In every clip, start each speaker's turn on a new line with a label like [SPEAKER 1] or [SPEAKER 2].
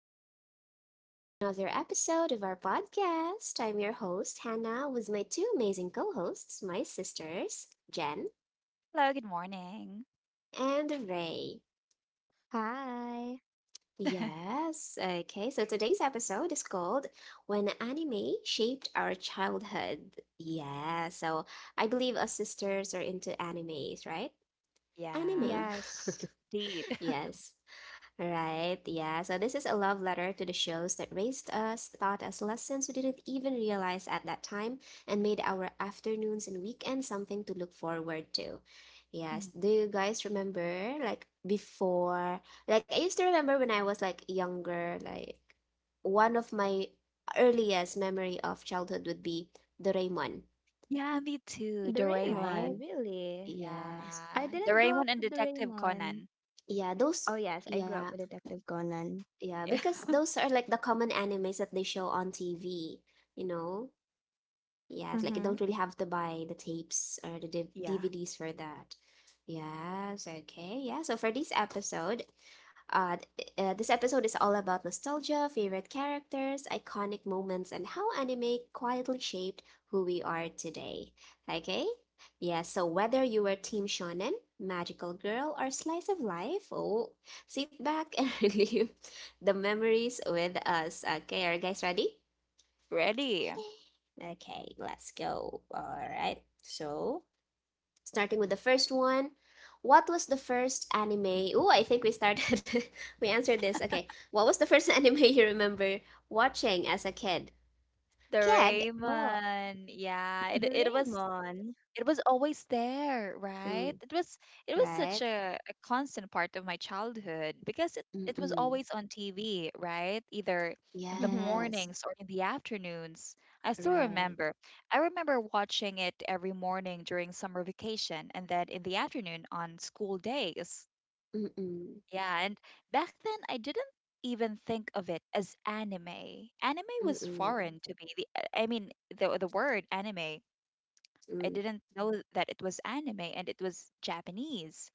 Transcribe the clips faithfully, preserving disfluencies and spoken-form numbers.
[SPEAKER 1] everyone. Welcome back to another episode of our podcast. I'm your host, Hannah, with my two amazing co hosts, my sisters, Jen
[SPEAKER 2] Hello, good morning.
[SPEAKER 1] and Ray.
[SPEAKER 3] Hi.
[SPEAKER 1] Yes, okay, so today's episode is called When Anime Shaped Our Childhood. Yeah, so I believe us sisters are into animes, right?
[SPEAKER 2] Yeah,
[SPEAKER 1] Anime.
[SPEAKER 3] Yes.
[SPEAKER 2] indeed.
[SPEAKER 1] Yes. Right, yeah. So this is a love letter to the shows that raised us, taught us lessons we didn't even realize at that time, and made our afternoons and weekends something to look forward to. Yes.
[SPEAKER 2] Mhm.
[SPEAKER 1] Do you guys remember like before? Like I used to remember when I was like younger, like one of my earliest memory of childhood would be Doraemon,
[SPEAKER 2] Yeah, me too.
[SPEAKER 1] right?
[SPEAKER 3] Doraemon,
[SPEAKER 2] Doraemon.
[SPEAKER 3] really?
[SPEAKER 1] Yes.
[SPEAKER 3] I
[SPEAKER 2] Yeah,
[SPEAKER 3] didn't grow up
[SPEAKER 2] Doraemon and
[SPEAKER 3] with
[SPEAKER 2] Detective
[SPEAKER 3] Doraemon.
[SPEAKER 2] Conan.
[SPEAKER 1] Yeah, those
[SPEAKER 3] Oh, yes, I grew
[SPEAKER 1] yeah.
[SPEAKER 3] up with Detective Conan.
[SPEAKER 1] Yeah,
[SPEAKER 2] Yeah,
[SPEAKER 1] because those are like the common animes that they show on T V, you know? Yes, like you
[SPEAKER 3] Mm-hmm.
[SPEAKER 1] don't really have to buy the tapes or the div-
[SPEAKER 2] yeah.
[SPEAKER 1] D V Ds for that. Yes, okay. Yeah, so for this episode, uh, th- uh, this episode is all about nostalgia, favorite characters, iconic moments, and how anime quietly shaped who we are today. Okay? Yeah, so whether you were Team Shonen, Magical Girl, or Slice of Life, oh, sit back and relive the memories with us. Okay, are you guys ready?
[SPEAKER 2] Ready.
[SPEAKER 1] Okay, let's go. All right. So, starting with the first one. What was the first anime? Oh, I think we started. we answered this. Okay. What was the first anime you remember watching as a kid? Kid?
[SPEAKER 3] Oh,
[SPEAKER 2] Doraemon. Yeah, it it was
[SPEAKER 3] Doraemon.
[SPEAKER 2] It was always there, right?
[SPEAKER 1] Mm,
[SPEAKER 2] It was it was such
[SPEAKER 1] right?
[SPEAKER 2] a, a constant part of my childhood because it, it was
[SPEAKER 1] Mm-mm.
[SPEAKER 2] always on T V, right? Either in the
[SPEAKER 3] Mm-hmm.
[SPEAKER 1] Yes.
[SPEAKER 2] mornings or in the afternoons. I still
[SPEAKER 1] Right.
[SPEAKER 2] remember. I remember watching it every morning during summer vacation and then in the afternoon on school days.
[SPEAKER 1] Mm-mm.
[SPEAKER 2] Yeah, and back then I didn't even think of it as anime. Anime was
[SPEAKER 1] Mm-mm.
[SPEAKER 2] foreign to me. The, I mean, the the word anime, I
[SPEAKER 1] Mm,
[SPEAKER 2] didn't know that it was anime and it was Japanese.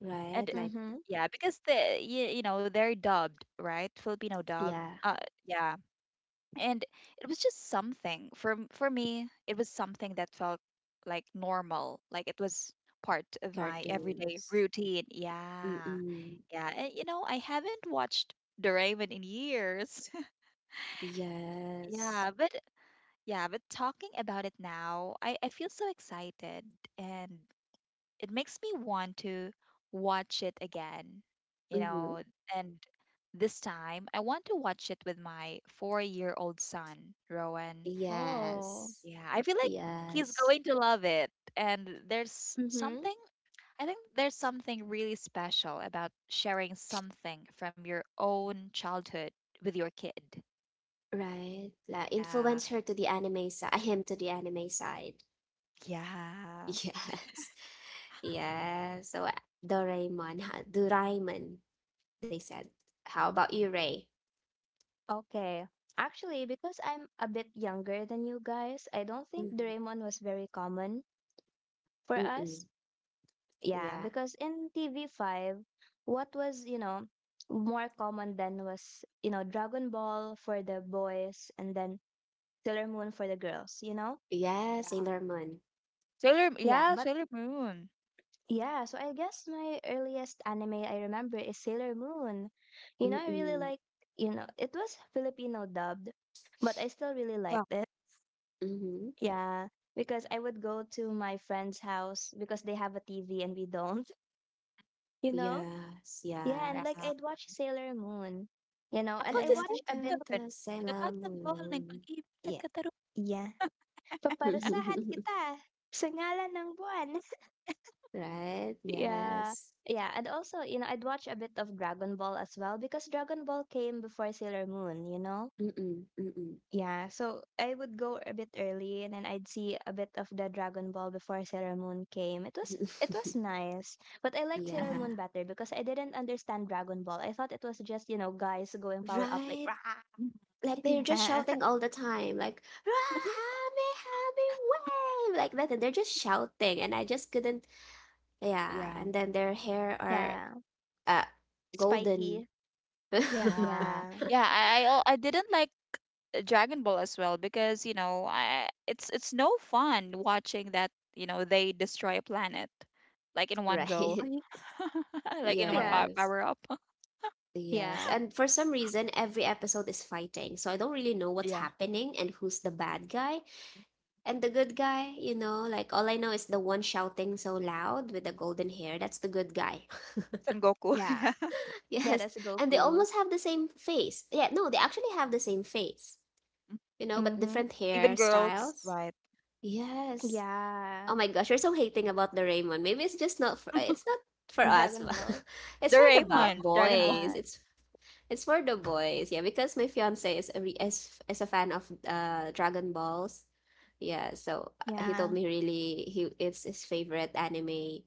[SPEAKER 1] right?
[SPEAKER 2] And
[SPEAKER 1] Like,
[SPEAKER 3] Mm-hmm.
[SPEAKER 2] yeah, because the you, you know, they're dubbed, right? Filipino dub.
[SPEAKER 1] yeah,
[SPEAKER 2] Uh yeah. And it was just something for m- for me, it was something that felt like normal, like it was part of my everyday
[SPEAKER 1] cartoons.
[SPEAKER 2] routine. Yeah.
[SPEAKER 1] Mm-mm.
[SPEAKER 2] Yeah, and you know, I haven't watched Doraemon in years.
[SPEAKER 1] Yes.
[SPEAKER 2] Yeah, but yeah, but talking about it now, I, I feel so excited, and it makes me want to watch it again, you
[SPEAKER 1] Mm-hmm.
[SPEAKER 2] know, and this time I want to watch it with my four year old son, Rowan.
[SPEAKER 3] Oh.
[SPEAKER 1] Yes.
[SPEAKER 2] Yeah, I feel like he's
[SPEAKER 1] Yes.
[SPEAKER 2] going to love it. And there's
[SPEAKER 3] Mm-hmm.
[SPEAKER 2] something, I think there's something really special about sharing something from your own childhood with your kid.
[SPEAKER 1] Right. Like
[SPEAKER 2] Yeah,
[SPEAKER 1] influence her to the anime side, him to the anime side.
[SPEAKER 2] yeah,
[SPEAKER 1] Yes. Yes. So uh, Doraemon, huh? Doraemon, they said. How about you, Ray?
[SPEAKER 3] Okay. Actually, because I'm a bit younger than you guys, I don't think
[SPEAKER 1] Mm-hmm.
[SPEAKER 3] Doraemon was very common for
[SPEAKER 1] Mm-mm.
[SPEAKER 3] us. Yeah,
[SPEAKER 1] Yeah.
[SPEAKER 3] because in T V five, what was, you know, more common then was, you know, Dragon Ball for the boys and then Sailor Moon for the girls, you know?
[SPEAKER 1] Yeah,
[SPEAKER 2] yeah.
[SPEAKER 1] Sailor Moon.
[SPEAKER 2] Sailor,
[SPEAKER 3] Yeah,
[SPEAKER 2] yeah,
[SPEAKER 3] but
[SPEAKER 2] Sailor Moon.
[SPEAKER 3] yeah, so I guess my earliest anime I remember is Sailor Moon. You know, I really
[SPEAKER 1] Mm-mm.
[SPEAKER 3] like, you know, it was Filipino dubbed, but I still really
[SPEAKER 2] Yeah.
[SPEAKER 3] liked it.
[SPEAKER 1] Mm-hmm.
[SPEAKER 3] Yeah, because I would go to my friend's house because they have a T V and we don't, you know?
[SPEAKER 1] Yes,
[SPEAKER 3] Yeah, and like
[SPEAKER 1] yes.
[SPEAKER 2] Yeah.
[SPEAKER 3] I'd watch Sailor Moon, you know,
[SPEAKER 1] Da
[SPEAKER 2] Ako
[SPEAKER 3] and I
[SPEAKER 1] da
[SPEAKER 2] the
[SPEAKER 1] da
[SPEAKER 3] watch
[SPEAKER 2] same
[SPEAKER 3] a
[SPEAKER 1] da
[SPEAKER 3] bit,
[SPEAKER 2] person.
[SPEAKER 1] da Sailor
[SPEAKER 2] Nagapagod bohol ng
[SPEAKER 1] Moon.
[SPEAKER 2] pag-ibig at
[SPEAKER 3] yeah,
[SPEAKER 2] katarungan.
[SPEAKER 3] yeah. Paparusahan kita sa ngalan ng buwan.
[SPEAKER 1] Right?
[SPEAKER 3] Yeah,
[SPEAKER 1] Yes.
[SPEAKER 3] yeah, and also, you know, I'd watch a bit of Dragon Ball as well because Dragon Ball came before Sailor Moon, you know.
[SPEAKER 1] Mm-mm. Mm-mm.
[SPEAKER 3] Yeah, so I would go a bit early and then I'd see a bit of the Dragon Ball before Sailor Moon came. It was it was nice, but I liked Sailor Moon
[SPEAKER 2] Mhm.
[SPEAKER 1] Yeah,
[SPEAKER 3] better because I didn't understand Dragon Ball. I thought it was just, you know, guys going power up like
[SPEAKER 1] right.
[SPEAKER 3] rah.
[SPEAKER 1] Like they're just
[SPEAKER 3] Yeah.
[SPEAKER 1] shouting all the time, like
[SPEAKER 3] Mhm.
[SPEAKER 1] "Rahami, Hami, wave!" like that, and they're just shouting, and I just couldn't. Yeah,
[SPEAKER 2] Yeah.
[SPEAKER 1] and then their hair are
[SPEAKER 3] Yeah.
[SPEAKER 1] uh golden,
[SPEAKER 3] Spiky.
[SPEAKER 2] Yeah.
[SPEAKER 3] Yeah.
[SPEAKER 2] Yeah, I I al- I didn't like Dragon Ball as well because, you know, I, it's it's no fun watching that, you know, they destroy a planet like in one go.
[SPEAKER 1] right?
[SPEAKER 3] Mhm.
[SPEAKER 2] Like in one
[SPEAKER 3] Yeah.
[SPEAKER 2] pow-
[SPEAKER 1] Yes,
[SPEAKER 2] power up.
[SPEAKER 1] yes.
[SPEAKER 3] Yeah.
[SPEAKER 1] And for some reason, every episode is fighting, so I don't really know what's
[SPEAKER 2] Yeah.
[SPEAKER 1] happening and who's the bad guy and the good guy. You know, like all I know is the one shouting so loud with the golden hair. That's the good guy.
[SPEAKER 2] Son Goku.
[SPEAKER 3] Yeah.
[SPEAKER 2] Yeah.
[SPEAKER 3] Yeah,
[SPEAKER 1] Yes,
[SPEAKER 3] that's a
[SPEAKER 1] and they
[SPEAKER 3] Goku.
[SPEAKER 1] almost have the same face. Yeah, no, they actually have the same face, you know, but
[SPEAKER 3] Mm-hmm.
[SPEAKER 1] different
[SPEAKER 2] Even girls,
[SPEAKER 1] hairstyles.
[SPEAKER 2] right?
[SPEAKER 1] Yes.
[SPEAKER 3] Yeah.
[SPEAKER 1] Oh my gosh, you're so hating about the Raymond. Maybe it's just not for it's not for
[SPEAKER 3] A
[SPEAKER 1] us.
[SPEAKER 3] Dragon Ball.
[SPEAKER 1] It's for the
[SPEAKER 3] Yeah,
[SPEAKER 1] bo-
[SPEAKER 2] Doraemon,
[SPEAKER 3] that's for
[SPEAKER 2] Dragon Ball.
[SPEAKER 1] boys.
[SPEAKER 3] us.
[SPEAKER 1] It's it's for the boys, yeah, because my fiance is a re- is, is a fan of uh Dragon Balls. Yeah, so uh, he told
[SPEAKER 3] Yeah.
[SPEAKER 1] me really he it's his favorite anime.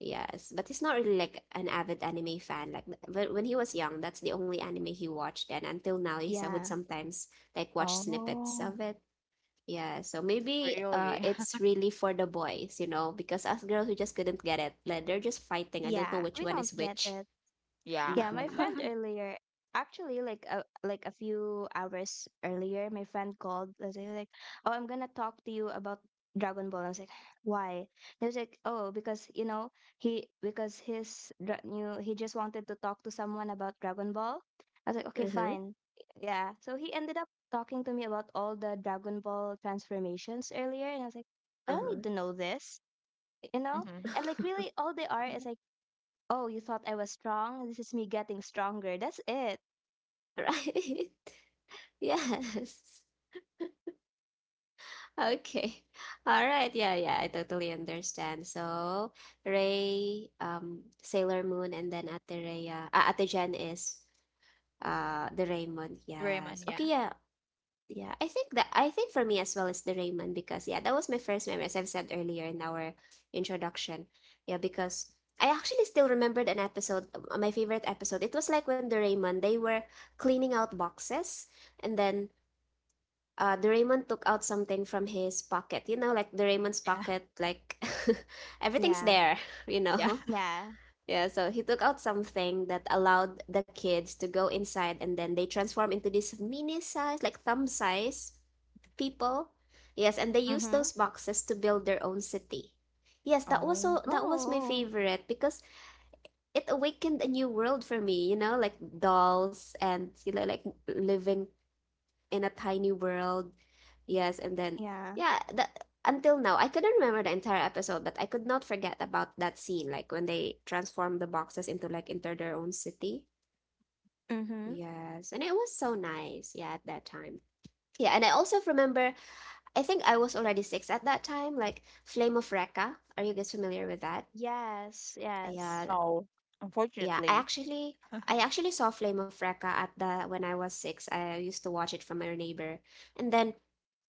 [SPEAKER 1] Yes, but he's not really like an avid anime fan. Like th- when when he was young, that's the only anime he watched, and until now, he's, I would
[SPEAKER 3] Yeah.
[SPEAKER 1] sometimes like watch snippets
[SPEAKER 2] Oh,
[SPEAKER 1] of it. Yeah, so maybe uh,
[SPEAKER 2] really?
[SPEAKER 1] it's really for the boys, you know, because us girls we just couldn't get it. Like they're just fighting. I don't know
[SPEAKER 3] Yeah.
[SPEAKER 1] which
[SPEAKER 3] We
[SPEAKER 1] one
[SPEAKER 3] don't
[SPEAKER 1] is
[SPEAKER 3] get
[SPEAKER 1] which.
[SPEAKER 3] it.
[SPEAKER 2] Yeah.
[SPEAKER 3] Yeah, my
[SPEAKER 1] Mm-mm.
[SPEAKER 3] friend earlier, actually like a like a few hours earlier, my friend called and they like, "Oh, I'm gonna talk to you about Dragon Ball." I was like, "Why?" He was like, "Oh, because you know he because his dra- you know, he just wanted to talk to someone about Dragon Ball." I was like, "Okay,
[SPEAKER 1] Uh-huh.
[SPEAKER 3] fine." Yeah, so he ended up talking to me about all the Dragon Ball transformations earlier, and I was like, "I don't
[SPEAKER 1] Uh-huh.
[SPEAKER 3] need to know this," you know.
[SPEAKER 2] Mm-hmm.
[SPEAKER 3] And like really, all they are is like, oh, you thought I was strong? This is me getting stronger. That's it.
[SPEAKER 1] Right? Yes. Okay. All right. Yeah, yeah, I totally understand. So, Ray, um, Sailor Moon, and then Ate Rhea, uh, Ate Jen is uh the Raymond.
[SPEAKER 2] Doraemon,
[SPEAKER 1] Yes.
[SPEAKER 2] yeah.
[SPEAKER 1] Okay, yeah. Yeah, I think that I think for me as well is the Raymond because yeah, that was my first memory as I've said earlier in our introduction. Yeah, because I actually still remembered an episode, uh, my favorite episode. It was like when the Raymond they were cleaning out boxes and then uh, Doraemon took out something from his pocket. You know, like Doraemon's
[SPEAKER 2] Yeah.
[SPEAKER 1] pocket, like everything's
[SPEAKER 3] Yeah.
[SPEAKER 1] there, you
[SPEAKER 2] Yeah.
[SPEAKER 1] know?
[SPEAKER 3] Yeah.
[SPEAKER 1] Yeah, so he took out something that allowed the kids to go inside and then they transform into this mini size, like thumb size people. Yes, and they use
[SPEAKER 3] Mm-hmm.
[SPEAKER 1] those boxes to build their own city. Yes, that was
[SPEAKER 2] Oh,
[SPEAKER 1] so that was my
[SPEAKER 3] Oh.
[SPEAKER 1] favorite because it awakened a new world for me, you know, like dolls and you know like living in a tiny world. Yes, and then
[SPEAKER 3] Yeah.
[SPEAKER 1] yeah, the until now I couldn't remember the entire episode, but I could not forget about that scene, like when they transform the boxes into like into their own city.
[SPEAKER 3] Mm-hmm.
[SPEAKER 1] Yes, and it was so nice. Yeah, at that time. Yeah, and I also remember. I think I was already six at that time. Like Flame of Recca. Are you guys familiar with that?
[SPEAKER 3] Yes. Yes.
[SPEAKER 1] Yeah,
[SPEAKER 2] no.
[SPEAKER 1] yeah. I
[SPEAKER 2] Unfortunately.
[SPEAKER 1] actually, I actually saw Flame of Recca at the when I was six. I used to watch it from my neighbor, and then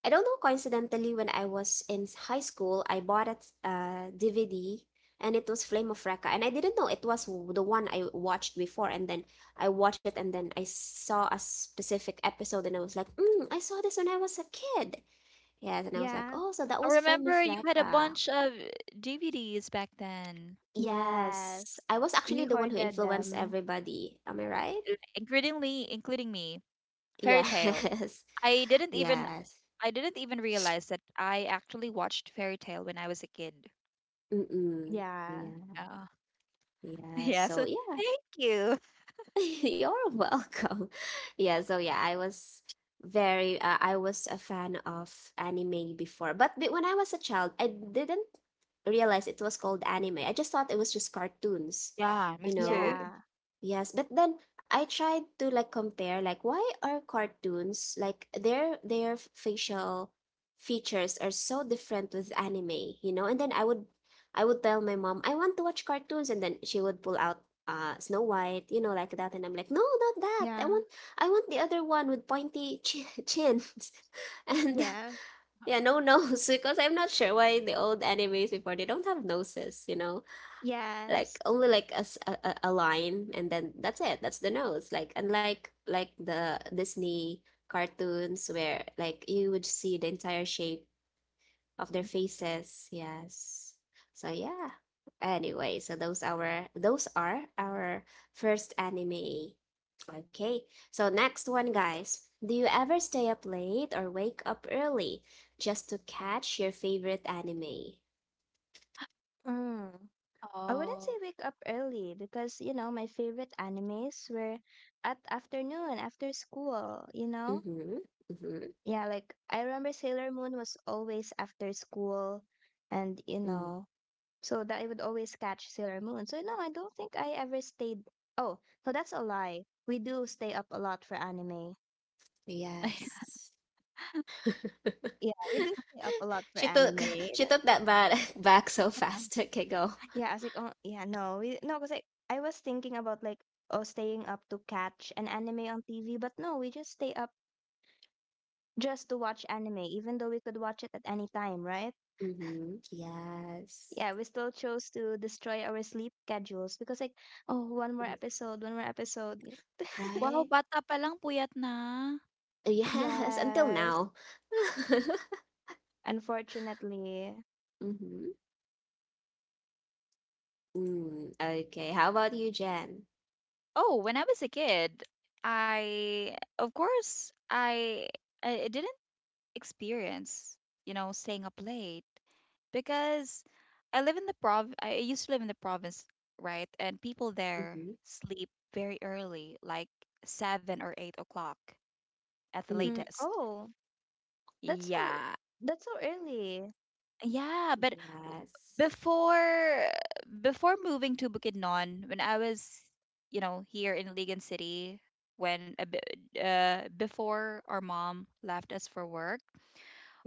[SPEAKER 1] I don't know, coincidentally, when I was in s- high school, I bought a t- uh, D V D and it was Flame of Recca. And I didn't know it was w- the one I watched before. And then I watched it and then I saw a specific episode and I was like, mm, I saw this when I was a kid. Yes. And I was like,
[SPEAKER 3] Yeah.
[SPEAKER 1] oh, so that
[SPEAKER 2] I
[SPEAKER 1] was Flame
[SPEAKER 2] remember
[SPEAKER 1] of
[SPEAKER 2] you had a
[SPEAKER 1] Recca.
[SPEAKER 2] bunch of D V Ds back then,
[SPEAKER 3] Yes.
[SPEAKER 1] Yes. I was actually
[SPEAKER 3] You
[SPEAKER 1] the one who
[SPEAKER 3] hoarded
[SPEAKER 1] influenced
[SPEAKER 3] them.
[SPEAKER 1] everybody. Am I right?
[SPEAKER 2] i- including me, including me, Fairy Tale.
[SPEAKER 1] Yes.
[SPEAKER 2] I didn't even
[SPEAKER 1] Yes.
[SPEAKER 2] I didn't even realize that I actually watched Fairy Tale when I was a kid.
[SPEAKER 1] Mm-mm.
[SPEAKER 3] Yeah.
[SPEAKER 1] Yeah.
[SPEAKER 2] Yeah.
[SPEAKER 1] Yeah.
[SPEAKER 2] Yeah,
[SPEAKER 1] So,
[SPEAKER 2] so
[SPEAKER 1] yeah.
[SPEAKER 2] thank you.
[SPEAKER 1] You're welcome. Yeah, so yeah, I was very uh, I was a fan of anime before, but be- when I was a child, I didn't realize it was called anime. I just thought it was just cartoons,
[SPEAKER 2] Yeah, me
[SPEAKER 1] you
[SPEAKER 2] too.
[SPEAKER 1] know.
[SPEAKER 3] Yeah.
[SPEAKER 1] Yes, but then I tried to like compare like why are cartoons like their their f- facial features are so different with anime, you know? And then I would I would tell my mom, I want to watch cartoons and then she would pull out uh Snow White, you know, like that and I'm like, "No, not that. I
[SPEAKER 3] Yeah.
[SPEAKER 1] want I want the other one with pointy chin chins." And
[SPEAKER 3] Yeah.
[SPEAKER 1] yeah, no nose because I'm not sure why the old animes before they don't have noses, you know? Like
[SPEAKER 3] Yes.
[SPEAKER 1] only like a, s- a a- a line and then that's it, that's the nose, like unlike like the Disney cartoons where like you would see the entire shape of their faces. Yes, so yeah, anyway, so those our those are our first anime. Okay, so next one guys, do you ever stay up late or wake up early just to catch your favorite anime?
[SPEAKER 3] Mm. I wouldn't say
[SPEAKER 2] Oh.
[SPEAKER 3] wake up early because, you know, my favorite animes were at afternoon after school, you know?
[SPEAKER 1] Mm-hmm. Mm-hmm.
[SPEAKER 3] Yeah, like I remember Sailor Moon was always after school and you
[SPEAKER 1] Mm.
[SPEAKER 3] know, so that I would always catch Sailor Moon. So no, I don't think I ever stayed. Oh, no, that's a lie. We do stay up a lot for anime.
[SPEAKER 1] Yes.
[SPEAKER 3] Yeah, we do stay up a lot for
[SPEAKER 1] She
[SPEAKER 3] anime.
[SPEAKER 1] took she took that back back so fast a giggle.
[SPEAKER 3] Yeah, I was like, oh, yeah, no, we no, because I I was thinking about like, oh, staying up to catch an anime on T V, but no, we just stay up just to watch anime, even though we could watch it at any time, right?
[SPEAKER 1] Mhm, yes.
[SPEAKER 3] Yeah, we still chose to destroy our sleep schedules because, like, oh, one more
[SPEAKER 1] Mm,
[SPEAKER 3] episode, one more episode.
[SPEAKER 2] Wow,
[SPEAKER 1] right?
[SPEAKER 2] bata pa lang puyat na.
[SPEAKER 1] Yes, until
[SPEAKER 3] Yes,
[SPEAKER 1] now.
[SPEAKER 3] unfortunately.
[SPEAKER 1] Mhm. Mm, okay, how about you, Jen?
[SPEAKER 2] Oh, when I was a kid, I of course I I didn't experience, you know, staying up late because I live in the prov I used to live in the province, right? And people there
[SPEAKER 1] Mhm.
[SPEAKER 2] sleep very early, like seven or eight o'clock at the
[SPEAKER 1] Mm,
[SPEAKER 3] Mm,
[SPEAKER 2] latest.
[SPEAKER 3] oh, that's so
[SPEAKER 2] Yeah.
[SPEAKER 3] that's so early.
[SPEAKER 2] Yeah, but
[SPEAKER 1] yes.
[SPEAKER 2] before before moving to Bukidnon, when I was, you know, here in Ligan City, when a bit, uh, before our mom left us for work,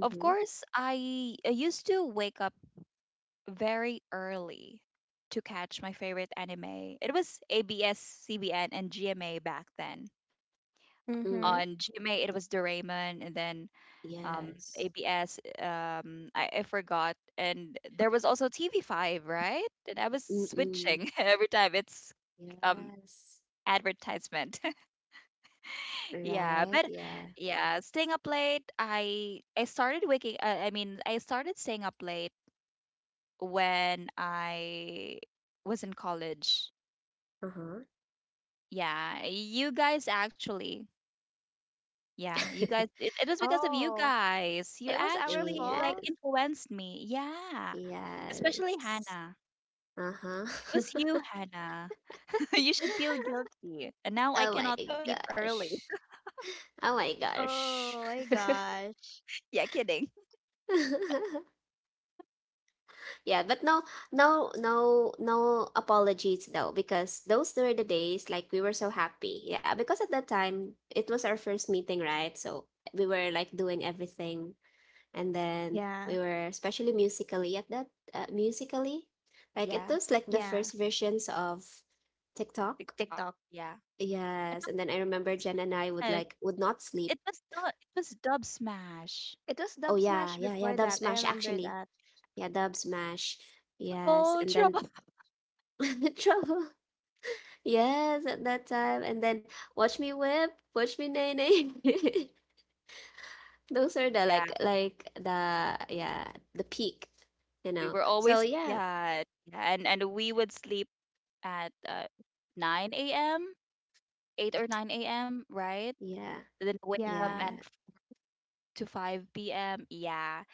[SPEAKER 2] of course I, I used to wake up very early to catch my favorite anime. It was A B S, CBN, and GMA back then.
[SPEAKER 3] Mm-hmm.
[SPEAKER 1] Mm,
[SPEAKER 2] On G M A, it was Doraemon, and then um,
[SPEAKER 1] yes.
[SPEAKER 2] A B S. Um, I, I forgot, and there was also T V five, right? And I was
[SPEAKER 1] Mm-mm.
[SPEAKER 2] switching every time. It's um
[SPEAKER 1] Yes.
[SPEAKER 2] advertisement. Yeah,
[SPEAKER 1] Right,
[SPEAKER 2] but
[SPEAKER 1] yeah.
[SPEAKER 2] yeah, staying up late. I I started waking. Uh, I mean, I started staying up late when I was in college.
[SPEAKER 1] Uh-huh.
[SPEAKER 2] Yeah, you guys actually. Yeah, you guys. It, it was because of you
[SPEAKER 3] Oh,
[SPEAKER 2] guys. You
[SPEAKER 3] it was our
[SPEAKER 2] actually like
[SPEAKER 3] fault.
[SPEAKER 1] Yes.
[SPEAKER 2] influenced me. Yeah, especially
[SPEAKER 1] Yes.
[SPEAKER 2] Hannah.
[SPEAKER 1] Uh-huh.
[SPEAKER 2] It was you, Hannah. You should feel guilty. And now I
[SPEAKER 1] Oh
[SPEAKER 2] cannot
[SPEAKER 1] my
[SPEAKER 3] Uh,
[SPEAKER 2] sleep early.
[SPEAKER 1] gosh. Oh my gosh.
[SPEAKER 3] oh my gosh.
[SPEAKER 2] Yeah, kidding.
[SPEAKER 1] Yeah, but no no no no apologies though because those were the days, like we were so happy. Yeah, because at that time it was our first meeting, right? So we were like doing everything and then
[SPEAKER 3] Yeah,
[SPEAKER 1] we were especially musically at that uh, musically like it
[SPEAKER 2] Yeah,
[SPEAKER 1] was like the
[SPEAKER 3] yeah.
[SPEAKER 1] first versions of TikTok.
[SPEAKER 2] TikTok.
[SPEAKER 3] TikTok.
[SPEAKER 2] Yeah, and
[SPEAKER 1] Yes,
[SPEAKER 2] now
[SPEAKER 1] and then I
[SPEAKER 2] Dub
[SPEAKER 1] remember Jen and I would
[SPEAKER 2] Smash.
[SPEAKER 1] like would not
[SPEAKER 2] It
[SPEAKER 1] sleep.
[SPEAKER 2] was not. It was Dub Smash.
[SPEAKER 3] It was
[SPEAKER 1] Oh
[SPEAKER 3] Dub
[SPEAKER 1] yeah,
[SPEAKER 3] Smash
[SPEAKER 1] yeah, yeah,
[SPEAKER 3] before
[SPEAKER 1] Dove
[SPEAKER 3] that. I
[SPEAKER 1] Smash
[SPEAKER 3] remember
[SPEAKER 1] actually.
[SPEAKER 3] that.
[SPEAKER 1] Yeah, Dub Smash. Yes,
[SPEAKER 2] Trouble,
[SPEAKER 1] and then
[SPEAKER 2] trouble.
[SPEAKER 1] Trouble. Yes, at that time, and then Watch Me Whip, Watch Me Nay Nay. Those are the
[SPEAKER 2] Yeah,
[SPEAKER 1] like like the yeah the peak, you
[SPEAKER 2] we
[SPEAKER 1] know.
[SPEAKER 2] were
[SPEAKER 1] So
[SPEAKER 2] always,
[SPEAKER 1] yeah,
[SPEAKER 2] yeah, yeah, and and we would sleep at uh, nine a m, eight or nine a m, right?
[SPEAKER 1] yeah,
[SPEAKER 2] Then wake up
[SPEAKER 3] Yeah,
[SPEAKER 2] at
[SPEAKER 1] yeah,
[SPEAKER 2] f- to five p m. Yeah.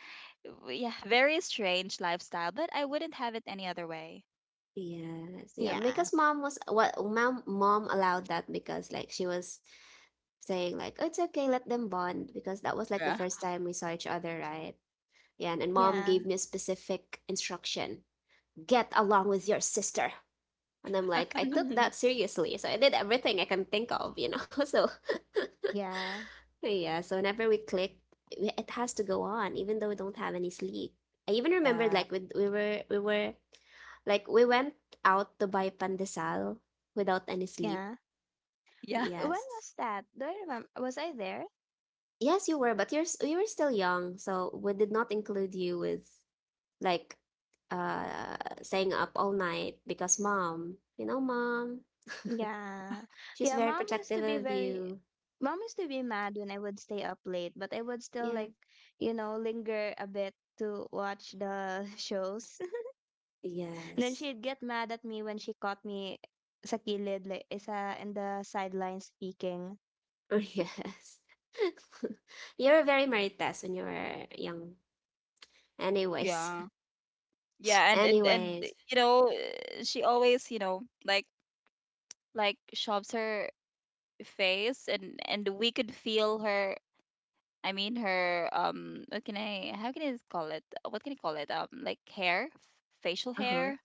[SPEAKER 2] W- Yeah, very strange lifestyle, but I wouldn't have it any other way.
[SPEAKER 1] yes, yeah.
[SPEAKER 3] yeah,
[SPEAKER 1] Because mom was what mom mom allowed that because like she was saying like, oh, it's okay, let them bond because that was like
[SPEAKER 2] Yeah.
[SPEAKER 1] the first time we saw each other, right? Yeah, and, and
[SPEAKER 2] Yeah.
[SPEAKER 1] mom gave
[SPEAKER 3] yeah,
[SPEAKER 1] me a specific instruction: get along with your sister. And I'm like, I took that seriously. So I did everything I can think of, you know? So,
[SPEAKER 3] yeah,
[SPEAKER 1] yeah, so whenever we clicked, it has to go on, even though we don't have any sleep. I even remembered,
[SPEAKER 2] Yeah.
[SPEAKER 1] like, we, we were, we were, like, we went out to buy pandesal without any sleep.
[SPEAKER 3] yeah.
[SPEAKER 2] Yeah.
[SPEAKER 3] When
[SPEAKER 1] Yes.
[SPEAKER 3] was that? Do I remember? Was I there?
[SPEAKER 1] Yes, you were, but you're, s- you were still young. So we did not include you with, like, uh, staying up all night because mom, you know, mom.
[SPEAKER 3] Yeah.
[SPEAKER 1] She's
[SPEAKER 3] Yeah,
[SPEAKER 1] very
[SPEAKER 3] mom used
[SPEAKER 1] protective
[SPEAKER 3] to be
[SPEAKER 1] of
[SPEAKER 3] very
[SPEAKER 1] you.
[SPEAKER 3] mom used to be mad when I would stay up late, but I would still
[SPEAKER 1] Yeah.
[SPEAKER 3] like, you know, linger a bit to watch the shows. And then
[SPEAKER 1] Yes.
[SPEAKER 3] she'd get mad at me when she caught me sa kilid, like isa in the sideline speaking.
[SPEAKER 1] Yes. You were very Marites when you were young. Anyways.
[SPEAKER 2] Yeah. Yeah, and and and
[SPEAKER 1] Anyways.
[SPEAKER 2] you know, uh, she always, you know, like like shoves her face, and and we could feel her, I mean her, um what can I how can I call it? What can I call it? Um like, hair, facial
[SPEAKER 1] Uh-huh.
[SPEAKER 2] hair.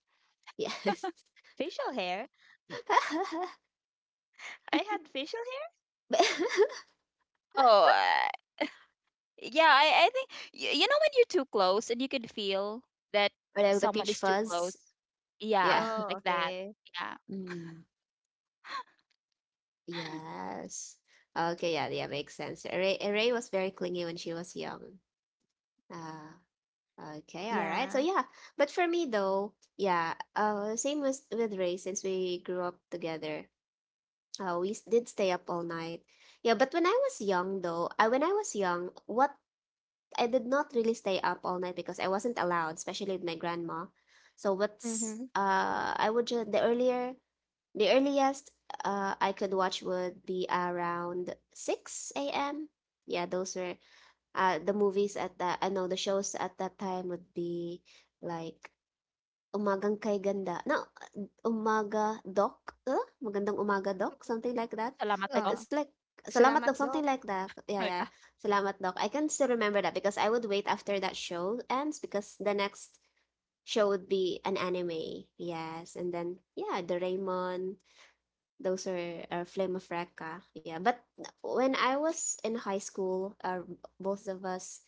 [SPEAKER 1] Yes.
[SPEAKER 3] Facial hair? I had facial hair?
[SPEAKER 1] But-
[SPEAKER 2] Oh, yeah, i i think y- you know when you're too close, and you can feel that
[SPEAKER 1] or like the
[SPEAKER 2] someone
[SPEAKER 1] peach
[SPEAKER 2] is too close.
[SPEAKER 1] fuzz. Yeah.
[SPEAKER 2] Yeah,
[SPEAKER 3] Oh,
[SPEAKER 2] like that.
[SPEAKER 3] okay.
[SPEAKER 2] Yeah.
[SPEAKER 1] Mm, yes. Okay, yeah, yeah, makes sense. Ray, Ray was very clingy when she was young. Uh, okay, all right. So
[SPEAKER 3] Yeah.
[SPEAKER 1] yeah, but for me though, yeah, uh, same with with Ray since we grew up together. Oh, we s- did stay up all night. Yeah, but when I was young though, I when I was young, what I did not really stay up all night because I wasn't allowed, especially with my grandma. So what's
[SPEAKER 3] Mm-hmm.
[SPEAKER 1] uh I would just the earlier the earliest uh I could watch would be around six a m. Yeah, those were uh the movies at that I know the shows at that time would be like Umagang Kay Ganda, no, Umaga Doc, uh, Magandang Umaga Doc, something like that.
[SPEAKER 2] Salamat po.
[SPEAKER 1] Like,
[SPEAKER 3] Oh,
[SPEAKER 1] it's like, "Salamat
[SPEAKER 3] salamat,
[SPEAKER 1] Doc," something
[SPEAKER 3] Doc.
[SPEAKER 1] like that. Yeah, yeah. "Salamat Doc." I can still remember that because I would wait after that show ends because the next show would be an anime. Yes, and then, yeah, Doraemon, those are, uh, Flame of Recca, yeah. But when I was in high school, uh, both of us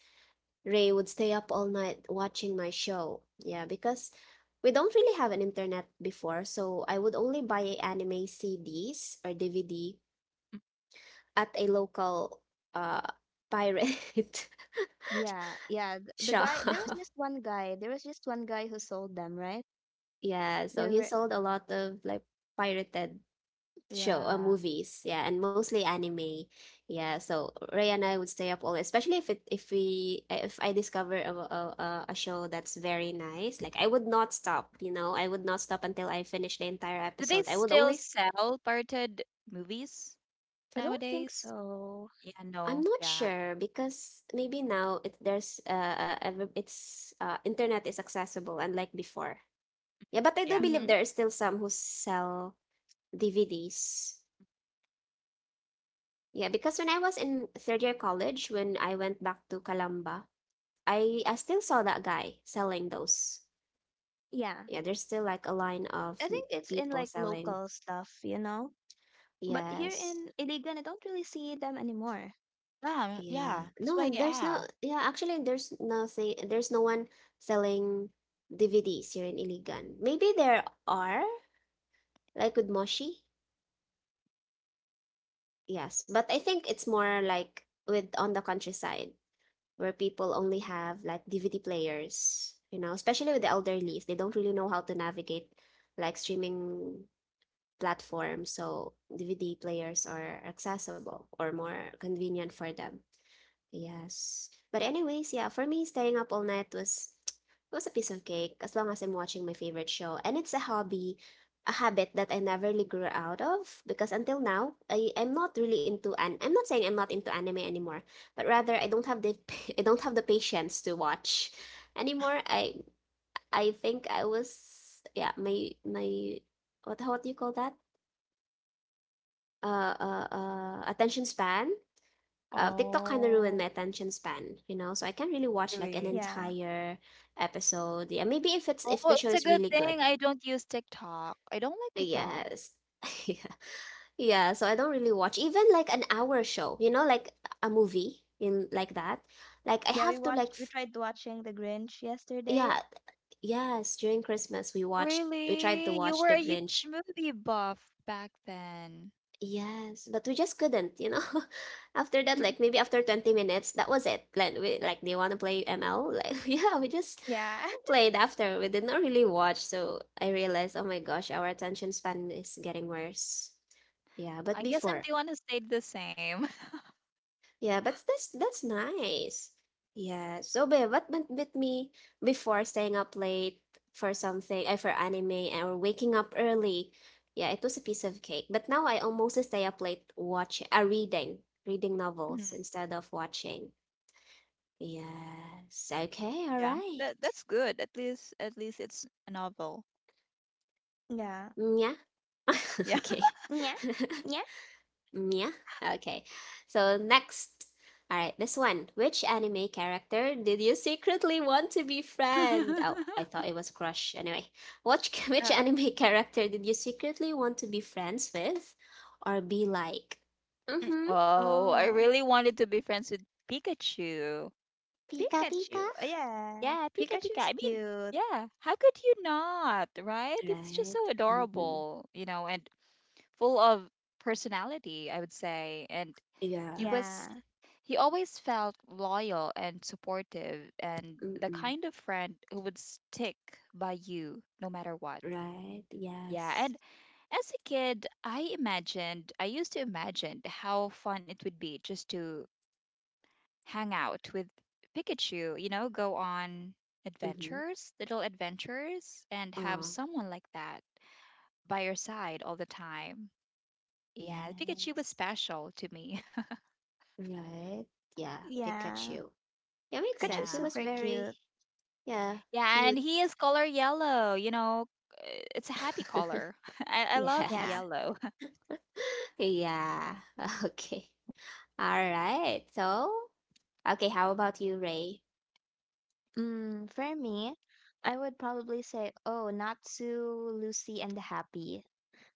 [SPEAKER 1] Ray would stay up all night watching my show. Yeah, because we don't really have an internet before, so I would only buy anime C Ds or D V D at a local uh pirate
[SPEAKER 3] Yeah, yeah. th- The
[SPEAKER 1] shop.
[SPEAKER 3] guy, there was just one guy. There was just one guy who sold them, right?
[SPEAKER 1] Yeah, so
[SPEAKER 3] There
[SPEAKER 1] he
[SPEAKER 3] were,
[SPEAKER 1] sold a lot of like pirated show or
[SPEAKER 2] Yeah,
[SPEAKER 1] movies, yeah, and mostly anime. Yeah, so Ray and I would stay up all, especially if it if we if I discover a, a, a a show that's very nice. Like, I would not stop, you know, I would not stop until I finish the entire
[SPEAKER 2] do they
[SPEAKER 1] episode. i would only
[SPEAKER 2] still
[SPEAKER 1] i
[SPEAKER 2] sell pirated movies
[SPEAKER 3] I don't think
[SPEAKER 2] nowadays?
[SPEAKER 3] so.
[SPEAKER 2] Yeah.
[SPEAKER 1] i'm
[SPEAKER 2] No,
[SPEAKER 1] not
[SPEAKER 2] yeah.
[SPEAKER 1] sure because maybe now it there's uh, uh ever it's uh internet is accessible unlike before. Yeah, but I do
[SPEAKER 2] Yeah,
[SPEAKER 1] believe
[SPEAKER 3] Mm-hmm.
[SPEAKER 1] there are still some who sell DVDs. Yeah, because when I was in third year college, when I went back to Calamba, I I still saw that guy selling those.
[SPEAKER 3] Yeah.
[SPEAKER 1] Yeah, there's still like a line
[SPEAKER 3] I
[SPEAKER 1] of
[SPEAKER 3] think
[SPEAKER 1] n-
[SPEAKER 3] it's in
[SPEAKER 1] people
[SPEAKER 3] like
[SPEAKER 1] selling.
[SPEAKER 3] local stuff, you know? But here
[SPEAKER 1] Yes.
[SPEAKER 3] in Iligan, I don't really see them anymore.
[SPEAKER 2] yeah, yeah,
[SPEAKER 1] Yeah.
[SPEAKER 2] that's why
[SPEAKER 1] No,
[SPEAKER 2] you
[SPEAKER 1] there's no,
[SPEAKER 2] asked.
[SPEAKER 1] yeah, actually there's nothing there's no one selling D V Ds here in Iligan. Maybe there are, like with Moshi. Yes, but I think it's more like with on the countryside where people only have like D V D players, you know, especially with the elderlies. They don't really know how to navigate like streaming platform, so D V D players are accessible or more convenient for them. Yes. But anyways, yeah, for me staying up all night was was a piece of cake as long as I'm watching my favorite show. And it's a hobby, a habit that I never really grew out of, because until now I, I'm not really into an I'm not saying I'm not into anime anymore, but rather I don't have the I don't have the patience to watch anymore. I I think I was yeah, my my what, how do you call that? Uh, uh, uh, attention span. Uh, TikTok kind of ruined
[SPEAKER 2] Oh,
[SPEAKER 1] my attention span, you know, so I can't really watch like an
[SPEAKER 2] really?
[SPEAKER 3] Yeah.
[SPEAKER 1] entire episode. Yeah, maybe if it's
[SPEAKER 2] Oh,
[SPEAKER 1] if the show
[SPEAKER 2] it's a
[SPEAKER 1] is
[SPEAKER 2] good
[SPEAKER 1] really good.
[SPEAKER 2] thing I don't use TikTok. I don't like TikTok.
[SPEAKER 1] Yes. Yeah. Yeah, so I don't really watch even like an hour show, you know, like a movie in like that. Like I
[SPEAKER 3] Yeah, we
[SPEAKER 1] have to like
[SPEAKER 3] watched, we
[SPEAKER 1] f
[SPEAKER 3] tried watching The Grinch yesterday.
[SPEAKER 1] yeah, yes, during Christmas we watched we tried to
[SPEAKER 2] Really, you
[SPEAKER 1] watch
[SPEAKER 2] were
[SPEAKER 1] The
[SPEAKER 2] a huge
[SPEAKER 1] Grinch.
[SPEAKER 2] movie buff back then.
[SPEAKER 1] Yes, but we just couldn't, you know. After that,
[SPEAKER 3] Mhm.
[SPEAKER 1] like maybe after twenty minutes, that was it. Like we like, do you want to play M L? Like yeah, we just
[SPEAKER 3] Yeah.
[SPEAKER 1] played after. We did not really watch, so I realized, oh my gosh, our attention span is getting worse. Yeah, but
[SPEAKER 2] I guess I'm
[SPEAKER 1] before,
[SPEAKER 2] the one who stayed the same.
[SPEAKER 1] yeah, but that's that's nice. Yeah. So babe, what went with me before, staying up late for something, uh, for anime and- or waking up early? Yeah, it was a piece of cake. But now I almost stay up late watching, uh, reading, reading
[SPEAKER 2] Mhm.
[SPEAKER 1] novels instead of watching. Yes. Okay. All
[SPEAKER 2] Yeah, that
[SPEAKER 1] right.
[SPEAKER 2] that's good. At least at least it's a novel.
[SPEAKER 3] Yeah.
[SPEAKER 1] Mm, yeah.
[SPEAKER 2] Yeah.
[SPEAKER 1] Okay.
[SPEAKER 3] Yeah. Yeah.
[SPEAKER 1] Mm, yeah. Okay. So next, all right, this one. Which anime character did you secretly want to be friend? Oh, I thought it was crush. Anyway, which which
[SPEAKER 3] Oh.
[SPEAKER 1] anime character did you secretly want to be friends with, or be like? Mm-hmm.
[SPEAKER 2] Oh, I
[SPEAKER 3] Oh.
[SPEAKER 2] really wanted to be friends with Pikachu.
[SPEAKER 1] Pika Pika.
[SPEAKER 3] Pikachu. Yeah.
[SPEAKER 2] Yeah, Pika Pika.
[SPEAKER 3] Pikachu's
[SPEAKER 2] I mean,
[SPEAKER 3] cute.
[SPEAKER 2] yeah. How could you not, right? He was just
[SPEAKER 1] Right.
[SPEAKER 2] so
[SPEAKER 1] Mm-hmm.
[SPEAKER 2] adorable, you know, and full of personality, I would say. And
[SPEAKER 1] Yeah.
[SPEAKER 2] he was
[SPEAKER 3] Yeah.
[SPEAKER 2] he always felt loyal and supportive, and the
[SPEAKER 1] Mm-mm.
[SPEAKER 2] kind of friend who would stick by you no matter what.
[SPEAKER 1] Right.
[SPEAKER 2] Yeah,
[SPEAKER 1] Yes.
[SPEAKER 2] and as a kid, I imagined, I used to imagine how fun it would be just to hang out with Pikachu, you know, go on
[SPEAKER 1] Mm-hmm.
[SPEAKER 2] adventures, little adventures, and have
[SPEAKER 1] Oh,
[SPEAKER 2] someone like that by your side all the time. Yeah, Pikachu was
[SPEAKER 1] yes.
[SPEAKER 2] special to me.
[SPEAKER 1] Right. Yeah.
[SPEAKER 3] Yeah.
[SPEAKER 1] Pikachu. Yeah, makes
[SPEAKER 3] Pikachu's
[SPEAKER 1] sense. He
[SPEAKER 2] Yeah.
[SPEAKER 1] was
[SPEAKER 3] super
[SPEAKER 1] very,
[SPEAKER 3] cute.
[SPEAKER 1] yeah,
[SPEAKER 2] Yeah, and
[SPEAKER 1] cute.
[SPEAKER 2] he is color yellow, you know, uh, it's a happy color. I, I loved
[SPEAKER 3] Yeah.
[SPEAKER 1] Yes.
[SPEAKER 2] yellow.
[SPEAKER 1] Yeah. Okay. All right. So, okay, how about you, Ray?
[SPEAKER 3] Mm, for me, I would probably say, oh, Natsu, Lucy, and the Happy.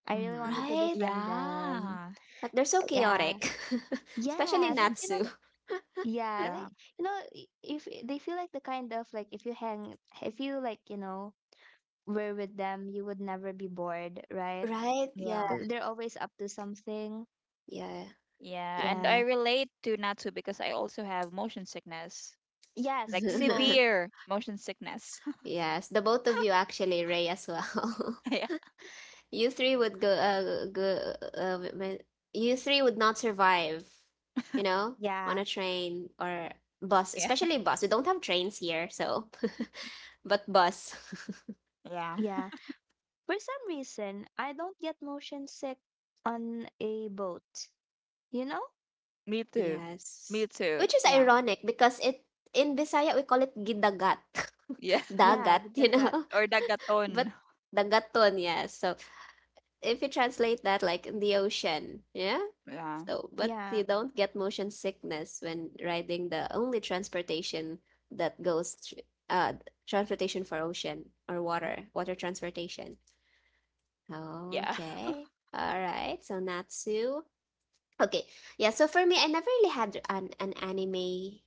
[SPEAKER 3] I really wanted
[SPEAKER 2] Hmm.
[SPEAKER 3] to
[SPEAKER 1] Right?
[SPEAKER 3] befriend them.
[SPEAKER 2] Yeah.
[SPEAKER 1] Like, they're so
[SPEAKER 3] Yeah.
[SPEAKER 1] chaotic. Especially
[SPEAKER 3] Yeah, it's like you know,
[SPEAKER 1] Natsu.
[SPEAKER 3] th- yeah, like
[SPEAKER 2] Yeah.
[SPEAKER 3] you know, I- if I- they feel like the kind of like if you hang, if you like, you know, were with them, you would never be bored, right?
[SPEAKER 1] Right? Yeah.
[SPEAKER 2] Yeah.
[SPEAKER 3] Because they're always up to something.
[SPEAKER 1] Yeah.
[SPEAKER 2] Yeah, and I
[SPEAKER 3] Yeah.
[SPEAKER 2] relate to Natsu because I also have motion sickness,
[SPEAKER 3] Yes,
[SPEAKER 2] like
[SPEAKER 3] we both.
[SPEAKER 2] severe motion sickness.
[SPEAKER 1] Yes, the both of you actually, Ray as well.
[SPEAKER 2] Yeah,
[SPEAKER 1] You three would go uh go uh, w- w- you three would not survive, you know, on
[SPEAKER 3] Yeah.
[SPEAKER 1] a train or bus,
[SPEAKER 2] yeah,
[SPEAKER 1] especially bus. We don't have trains here, so. But bus.
[SPEAKER 2] yeah.
[SPEAKER 3] Yeah. For some reason, I don't get motion sick on a boat. You know?
[SPEAKER 2] Me too.
[SPEAKER 1] Yes.
[SPEAKER 2] Me too.
[SPEAKER 1] Which is
[SPEAKER 2] Yeah,
[SPEAKER 1] ironic because it in Bisaya we call it gidagat.
[SPEAKER 2] yeah.
[SPEAKER 3] Yeah,
[SPEAKER 1] Dagat, you
[SPEAKER 3] ginagat.
[SPEAKER 1] know.
[SPEAKER 2] Or dagaton.
[SPEAKER 1] But dagaton, yes. So if you translate that, like, in the ocean, yeah.
[SPEAKER 2] Yeah,
[SPEAKER 1] So but
[SPEAKER 3] Yeah,
[SPEAKER 1] you don't get motion sickness when riding the only transportation that goes thr- uh transportation for ocean or water, water transportation.
[SPEAKER 2] yeah.
[SPEAKER 1] Okay. All right. So Natsu, okay. Yeah, so for me, I never really had an, an anime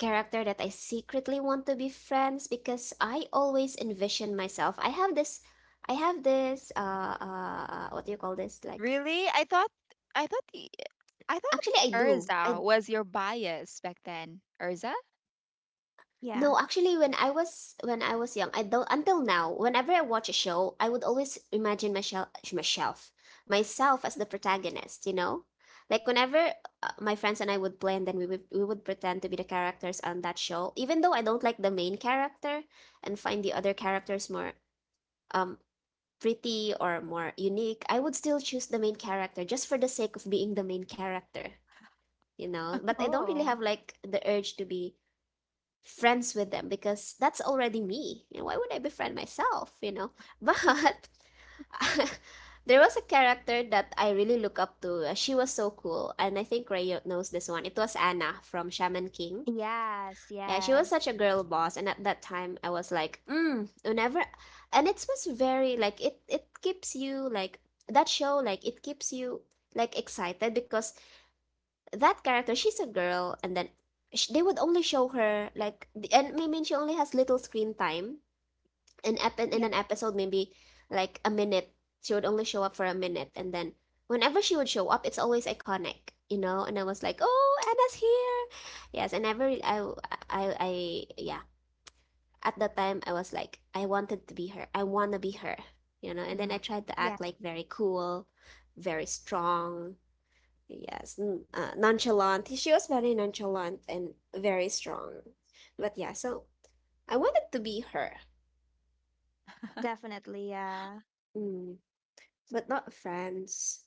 [SPEAKER 1] character that I secretly want to be friends, because I always envision myself. I have this I have this uh uh uh, what do you call this? Like,
[SPEAKER 2] Really? I thought, I thought, y- I thought
[SPEAKER 1] actually I do. I
[SPEAKER 2] Urza was your bias back then. Urza?
[SPEAKER 3] yeah.
[SPEAKER 1] No, actually, when I was when I was young, I don't until now. Whenever I watch a show, I would always imagine myself, myself, myself as the protagonist. You know, like, whenever uh, my friends and I would play, and then we would we would pretend to be the characters on that show. Even though I don't like the main character and find the other characters more um pretty or more unique, I would still choose the main character just for the sake of being the main character. You know, but I don't really
[SPEAKER 3] Oh,
[SPEAKER 1] have like the urge to be friends with them because that's already me. You know, why would I befriend myself? You know, but there was a character that I really look up to. Uh, She was so cool, and I think Ray knows this one. It was Anna from Shaman King.
[SPEAKER 3] yes,
[SPEAKER 1] Yeah, she was
[SPEAKER 3] yes.
[SPEAKER 1] such a girl boss, and at that time I was like, mm, whenever, and it was very like it it keeps you like, that show, like it keeps you like excited because that character, she's a girl, and then sh they would only show her like the, and I mean, she only has little screen time an ep- in
[SPEAKER 3] Yeah,
[SPEAKER 1] an episode, maybe like a minute, she would only show up for a minute, and then whenever she would show up it's always iconic, you know. And I was like, oh, Anna's here. Yes, and I really I I I yeah, at that time I was like, I wanted to be her, I want to be her, you know. And then I
[SPEAKER 2] Mm-hmm.
[SPEAKER 1] tried to
[SPEAKER 3] yeah,
[SPEAKER 1] act like very cool, very strong. Yes, n- uh, nonchalant. She was very nonchalant and very strong. But yeah, so I wanted to be her,
[SPEAKER 3] definitely. Yeah.
[SPEAKER 1] mm, but not friends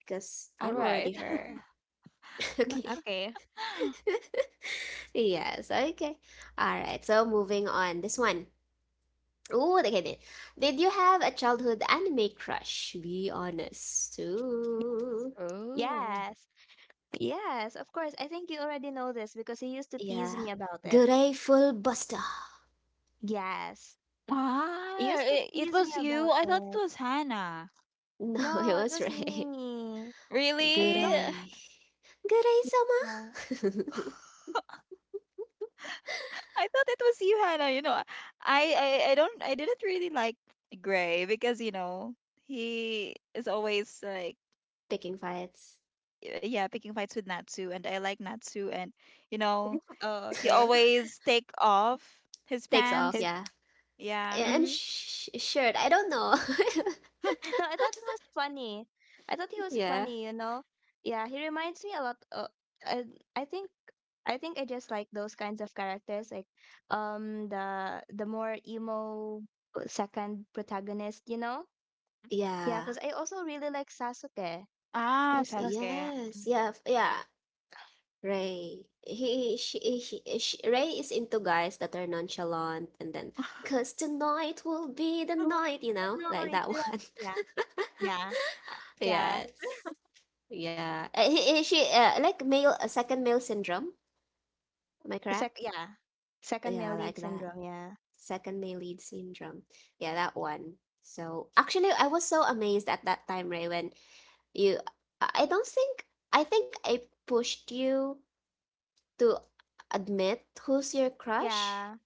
[SPEAKER 1] because
[SPEAKER 2] All
[SPEAKER 1] I'm already
[SPEAKER 2] right.
[SPEAKER 1] her. Okay.
[SPEAKER 3] Okay.
[SPEAKER 1] Yes, okay. All right, so moving on. This one. Ooh, okay then. Did you have a childhood anime crush? Be honest. Ooh.
[SPEAKER 2] Oh.
[SPEAKER 3] Yes, yes, of course. I think you already know this because he used to tease
[SPEAKER 1] Yeah.
[SPEAKER 3] me about it.
[SPEAKER 1] Grateful Buster.
[SPEAKER 3] Yes, you
[SPEAKER 2] Ah,
[SPEAKER 3] used to
[SPEAKER 2] it, it
[SPEAKER 3] tease me
[SPEAKER 2] was you.
[SPEAKER 3] about
[SPEAKER 2] I thought it
[SPEAKER 3] it.
[SPEAKER 2] was Hannah.
[SPEAKER 1] No, it
[SPEAKER 3] No, it
[SPEAKER 1] was
[SPEAKER 3] was
[SPEAKER 1] Ray.
[SPEAKER 3] me. I
[SPEAKER 2] Really?
[SPEAKER 3] don't.
[SPEAKER 1] Guray. Guray sama.
[SPEAKER 3] Yeah.
[SPEAKER 2] I thought it was you, Hannah. You know, I, I, I don't, I didn't really like Gray because you know he is always like,
[SPEAKER 1] Picking fights.
[SPEAKER 2] y- yeah, picking fights with Natsu, and I like Natsu, and you know
[SPEAKER 3] Oh,
[SPEAKER 2] he
[SPEAKER 3] okay.
[SPEAKER 2] always take off his
[SPEAKER 1] Takes off,
[SPEAKER 2] pants.
[SPEAKER 1] yeah. A-
[SPEAKER 2] Yeah.
[SPEAKER 1] And
[SPEAKER 3] His.
[SPEAKER 1] sh- shirt, I don't know.
[SPEAKER 3] No, I thought he was funny. I thought he was
[SPEAKER 1] Yeah.
[SPEAKER 3] funny, you know? Yeah, he reminds me a lot. Uh, I, I think I think I just like those kinds of characters, like um the the more emo, uh, second protagonist, you know? Yeah,
[SPEAKER 1] Yeah.
[SPEAKER 3] because I also really like Sasuke.
[SPEAKER 2] Ah,
[SPEAKER 3] Yes, no, s-
[SPEAKER 2] Sasuke.
[SPEAKER 1] Yes. Yeah. f- Yeah. Ray. He, she, he, she, Ray is into guys that are nonchalant and then, cause tonight will be the
[SPEAKER 3] Oh,
[SPEAKER 1] night, you know,
[SPEAKER 3] no,
[SPEAKER 1] like
[SPEAKER 3] I
[SPEAKER 1] that
[SPEAKER 3] did-
[SPEAKER 1] one.
[SPEAKER 3] yeah, yeah, uh, yeah.
[SPEAKER 1] Yes. Yeah. Uh, he- he- she, uh, like male, uh, second male syndrome. Am I
[SPEAKER 3] Sec,
[SPEAKER 1] correct?
[SPEAKER 3] yeah, second male
[SPEAKER 1] Yeah,
[SPEAKER 3] lead
[SPEAKER 1] like that.
[SPEAKER 3] syndrome. Yeah,
[SPEAKER 1] Second male lead syndrome. Yeah, that one. So actually, I was so amazed at that time, Ray, when you, I I don't think, I think I pushed you to admit who's your crush.
[SPEAKER 3] yeah,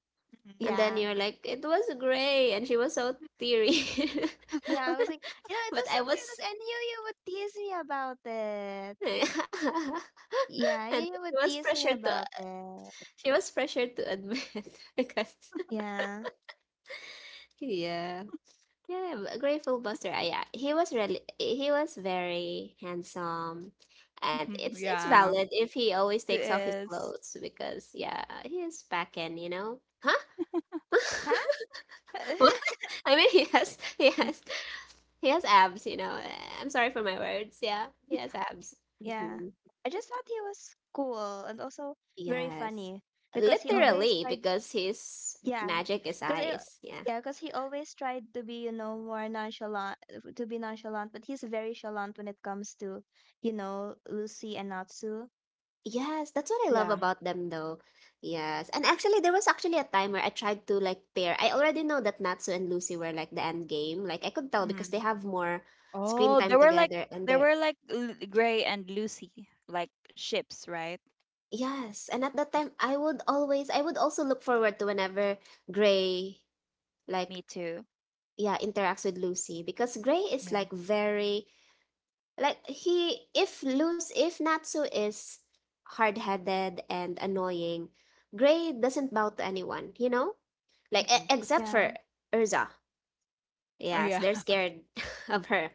[SPEAKER 2] Mm-hmm.
[SPEAKER 1] And then
[SPEAKER 3] yeah.
[SPEAKER 1] you're like, it was Gray. And she was so teary.
[SPEAKER 3] Yeah, I was like, you know, it
[SPEAKER 1] But
[SPEAKER 3] was so
[SPEAKER 1] I
[SPEAKER 3] weird
[SPEAKER 1] was,
[SPEAKER 3] 'cause I knew you would tease me about it.
[SPEAKER 1] and
[SPEAKER 3] Yeah, I
[SPEAKER 1] she
[SPEAKER 3] knew you would
[SPEAKER 1] was
[SPEAKER 3] tease me
[SPEAKER 1] pressured to,
[SPEAKER 3] about it.
[SPEAKER 1] she was pressured to admit because,
[SPEAKER 3] Yeah.
[SPEAKER 1] yeah. Yeah, b- Grateful Buster. uh, Yeah, he was really he was very handsome, and
[SPEAKER 2] Hmm.
[SPEAKER 1] it's it's
[SPEAKER 2] Yeah.
[SPEAKER 1] valid if he always
[SPEAKER 2] It
[SPEAKER 1] takes off his
[SPEAKER 2] is.
[SPEAKER 1] clothes because yeah, he is back in, you know, huh?
[SPEAKER 3] Huh?
[SPEAKER 1] What? I mean, he has he has he has abs, you know. uh, I'm sorry for my words. Yeah, he has abs.
[SPEAKER 3] Yeah.
[SPEAKER 1] Hmm.
[SPEAKER 3] I just thought he was cool and also very
[SPEAKER 1] Yes,
[SPEAKER 3] funny because he
[SPEAKER 2] Mm-hmm.
[SPEAKER 3] always
[SPEAKER 1] literally
[SPEAKER 3] tried,
[SPEAKER 1] because his
[SPEAKER 3] yeah,
[SPEAKER 1] magic is
[SPEAKER 3] because
[SPEAKER 1] eyes. Yeah.
[SPEAKER 3] yeah, because he always tried to be, you know, more nonchalant, to be nonchalant, but he's very chalant when it comes to, you know, Lucy and Natsu.
[SPEAKER 1] Yes, that's what I love
[SPEAKER 2] Yeah.
[SPEAKER 1] about them though. Yes. And actually there was actually a time where I tried to like pair. I already know that Natsu and Lucy were like the end game. Like, I could tell because they
[SPEAKER 2] Hmm.
[SPEAKER 1] have more screen
[SPEAKER 2] Oh,
[SPEAKER 1] time
[SPEAKER 2] there were like
[SPEAKER 1] together and
[SPEAKER 2] there
[SPEAKER 1] they're,
[SPEAKER 2] were like L- Gray and Lucy like ships, right?
[SPEAKER 1] yes. And at that time I would always, I would also look forward to whenever Gray like
[SPEAKER 2] Me too.
[SPEAKER 1] yeah interacts with Lucy, because Gray is
[SPEAKER 2] Yeah.
[SPEAKER 1] like very like, he if Lucy, if Natsu is hard-headed and annoying, Gray doesn't bow to anyone, you know? Like,
[SPEAKER 2] Mm-hmm.
[SPEAKER 1] e- except
[SPEAKER 3] Yeah.
[SPEAKER 1] for Urza. Yes,
[SPEAKER 2] Yeah.
[SPEAKER 1] they're scared of her.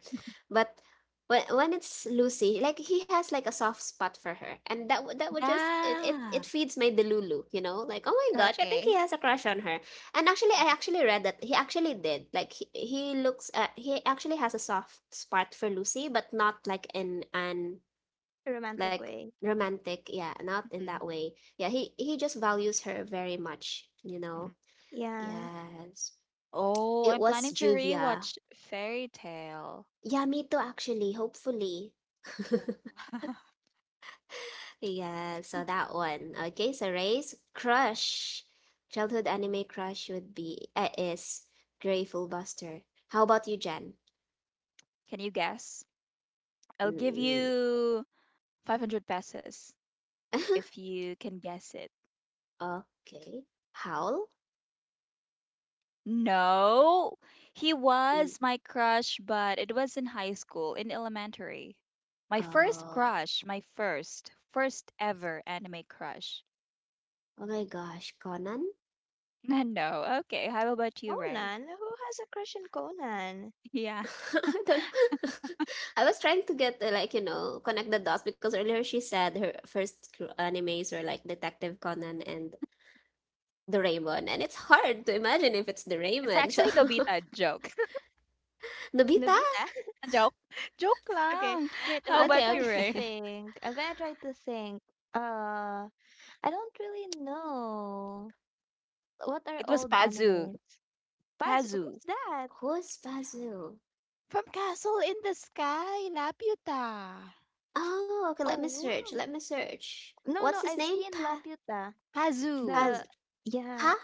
[SPEAKER 1] But when when it's Lucy, like he has like a soft spot for her. And that would, that would just it, it
[SPEAKER 2] Yeah.
[SPEAKER 1] it feeds my delulu, you know? Like, oh my gosh, I think
[SPEAKER 3] Okay.
[SPEAKER 1] he has a crush on her. And actually
[SPEAKER 2] Yeah.
[SPEAKER 1] I actually read that he actually did. Like he, he looks at he actually has a soft spot for Lucy, but not like in an
[SPEAKER 3] Romantic
[SPEAKER 1] like
[SPEAKER 3] way.
[SPEAKER 1] romantic, yeah, not in
[SPEAKER 2] Mhm,
[SPEAKER 1] that way. Yeah, he he just values her very much, you
[SPEAKER 2] mhm.
[SPEAKER 1] know?
[SPEAKER 3] Yeah.
[SPEAKER 1] Yes,
[SPEAKER 2] Oh,
[SPEAKER 1] it
[SPEAKER 2] I'm
[SPEAKER 1] was
[SPEAKER 2] planning to
[SPEAKER 1] Juvia.
[SPEAKER 2] rewatch Fairy Tale.
[SPEAKER 1] Yeah, me too actually, hopefully.
[SPEAKER 2] Yeah.
[SPEAKER 1] Yeah, so that one. Okay, so Ray's crush. Childhood anime crush would be uh, is Grateful Buster. How about you, Jen?
[SPEAKER 2] Can you guess? I'll give
[SPEAKER 1] Mm,
[SPEAKER 2] you five hundred pesos if you can guess it.
[SPEAKER 1] okay. Howl?
[SPEAKER 2] No, he
[SPEAKER 1] Mm,
[SPEAKER 2] was my crush, but it was in high school, in elementary. My first
[SPEAKER 1] Uh,
[SPEAKER 2] crush, my first, first ever anime crush.
[SPEAKER 1] oh my gosh, Conan?
[SPEAKER 2] No, okay. How about you, Ray?
[SPEAKER 3] Conan? Who has a crush on Conan?
[SPEAKER 2] Yeah,
[SPEAKER 1] I don't know. I was trying to get uh, like, you know, connect the dots because earlier she said her first cr- animes were like Detective Conan and Doraemon, and it's hard to imagine if it's
[SPEAKER 2] it's
[SPEAKER 1] Doraemon.
[SPEAKER 2] actually
[SPEAKER 1] So,
[SPEAKER 2] Nobita joke.
[SPEAKER 1] Nobita?
[SPEAKER 3] Nobita?
[SPEAKER 2] Joke. Joke
[SPEAKER 3] Okay,
[SPEAKER 2] lang.
[SPEAKER 3] wait, I'm
[SPEAKER 2] How
[SPEAKER 3] gonna
[SPEAKER 2] about
[SPEAKER 1] Okay,
[SPEAKER 3] try
[SPEAKER 2] you,
[SPEAKER 3] to
[SPEAKER 2] Ray?
[SPEAKER 1] okay.
[SPEAKER 3] think. I'm gonna try to think. Uh, I don't really know. What are
[SPEAKER 2] It was
[SPEAKER 3] old
[SPEAKER 2] Pazu.
[SPEAKER 3] animes? Paz,
[SPEAKER 2] Pazu.
[SPEAKER 3] who's that?
[SPEAKER 1] Who's Pazu?
[SPEAKER 2] From Castle in the Sky, Laputa.
[SPEAKER 1] Oh, okay, let me
[SPEAKER 3] Oh,
[SPEAKER 1] search.
[SPEAKER 3] wow.
[SPEAKER 1] Let me search.
[SPEAKER 3] No,
[SPEAKER 1] What's
[SPEAKER 3] no,
[SPEAKER 1] his
[SPEAKER 3] I've
[SPEAKER 1] name?
[SPEAKER 3] seen
[SPEAKER 1] Pa
[SPEAKER 3] Laputa.
[SPEAKER 2] Pazu.
[SPEAKER 1] Paz
[SPEAKER 3] The, yeah,
[SPEAKER 1] Pa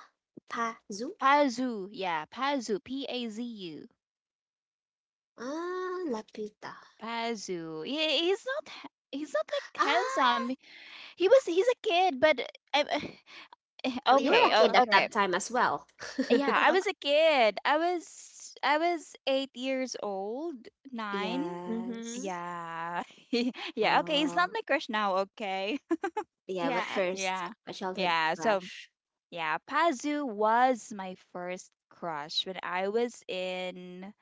[SPEAKER 1] Pazu?
[SPEAKER 2] Pazu. Yeah, Pazu. P A Z U.
[SPEAKER 1] Ah, Lapita.
[SPEAKER 2] Pazu. He, he's not ha- he's not like
[SPEAKER 1] Ah,
[SPEAKER 2] handsome. He was he's a kid, but I,
[SPEAKER 3] we
[SPEAKER 1] you
[SPEAKER 3] were
[SPEAKER 1] were a
[SPEAKER 2] okay,
[SPEAKER 3] also
[SPEAKER 2] oh,
[SPEAKER 1] kid
[SPEAKER 3] a
[SPEAKER 1] at
[SPEAKER 2] okay.
[SPEAKER 1] that
[SPEAKER 3] kid.
[SPEAKER 1] time as well.
[SPEAKER 2] Yeah, I was a kid. I was I was eight years old, nine.
[SPEAKER 3] Mm-hmm.
[SPEAKER 1] Yes.
[SPEAKER 2] Yeah. Yeah, okay. It's not
[SPEAKER 1] Oh,
[SPEAKER 2] my crush now, okay?
[SPEAKER 1] yeah, but
[SPEAKER 3] Yeah.
[SPEAKER 1] first,
[SPEAKER 2] Yeah.
[SPEAKER 1] a childhood
[SPEAKER 2] Yeah. So,
[SPEAKER 1] crush.
[SPEAKER 2] yeah, Pazu was my first crush when I was in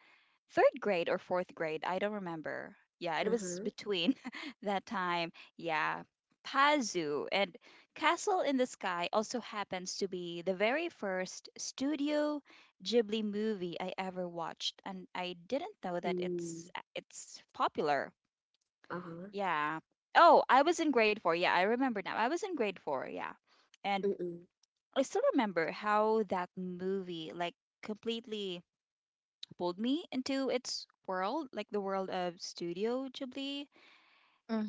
[SPEAKER 2] third grade or fourth grade. I don't remember. Yeah, it was
[SPEAKER 1] Uh-huh.
[SPEAKER 2] between that time. Yeah. Pazu and Castle in the Sky also happens to be the very first Studio Ghibli movie I ever watched, and I didn't know that
[SPEAKER 1] Mm,
[SPEAKER 2] it's it's popular.
[SPEAKER 1] uh-huh.
[SPEAKER 2] Yeah. Oh, I was in grade four. Yeah, I remember now. I was in grade four. Yeah. And
[SPEAKER 1] Mm-mm.
[SPEAKER 2] I still remember how that movie like completely pulled me into its world, like the world of Studio Ghibli.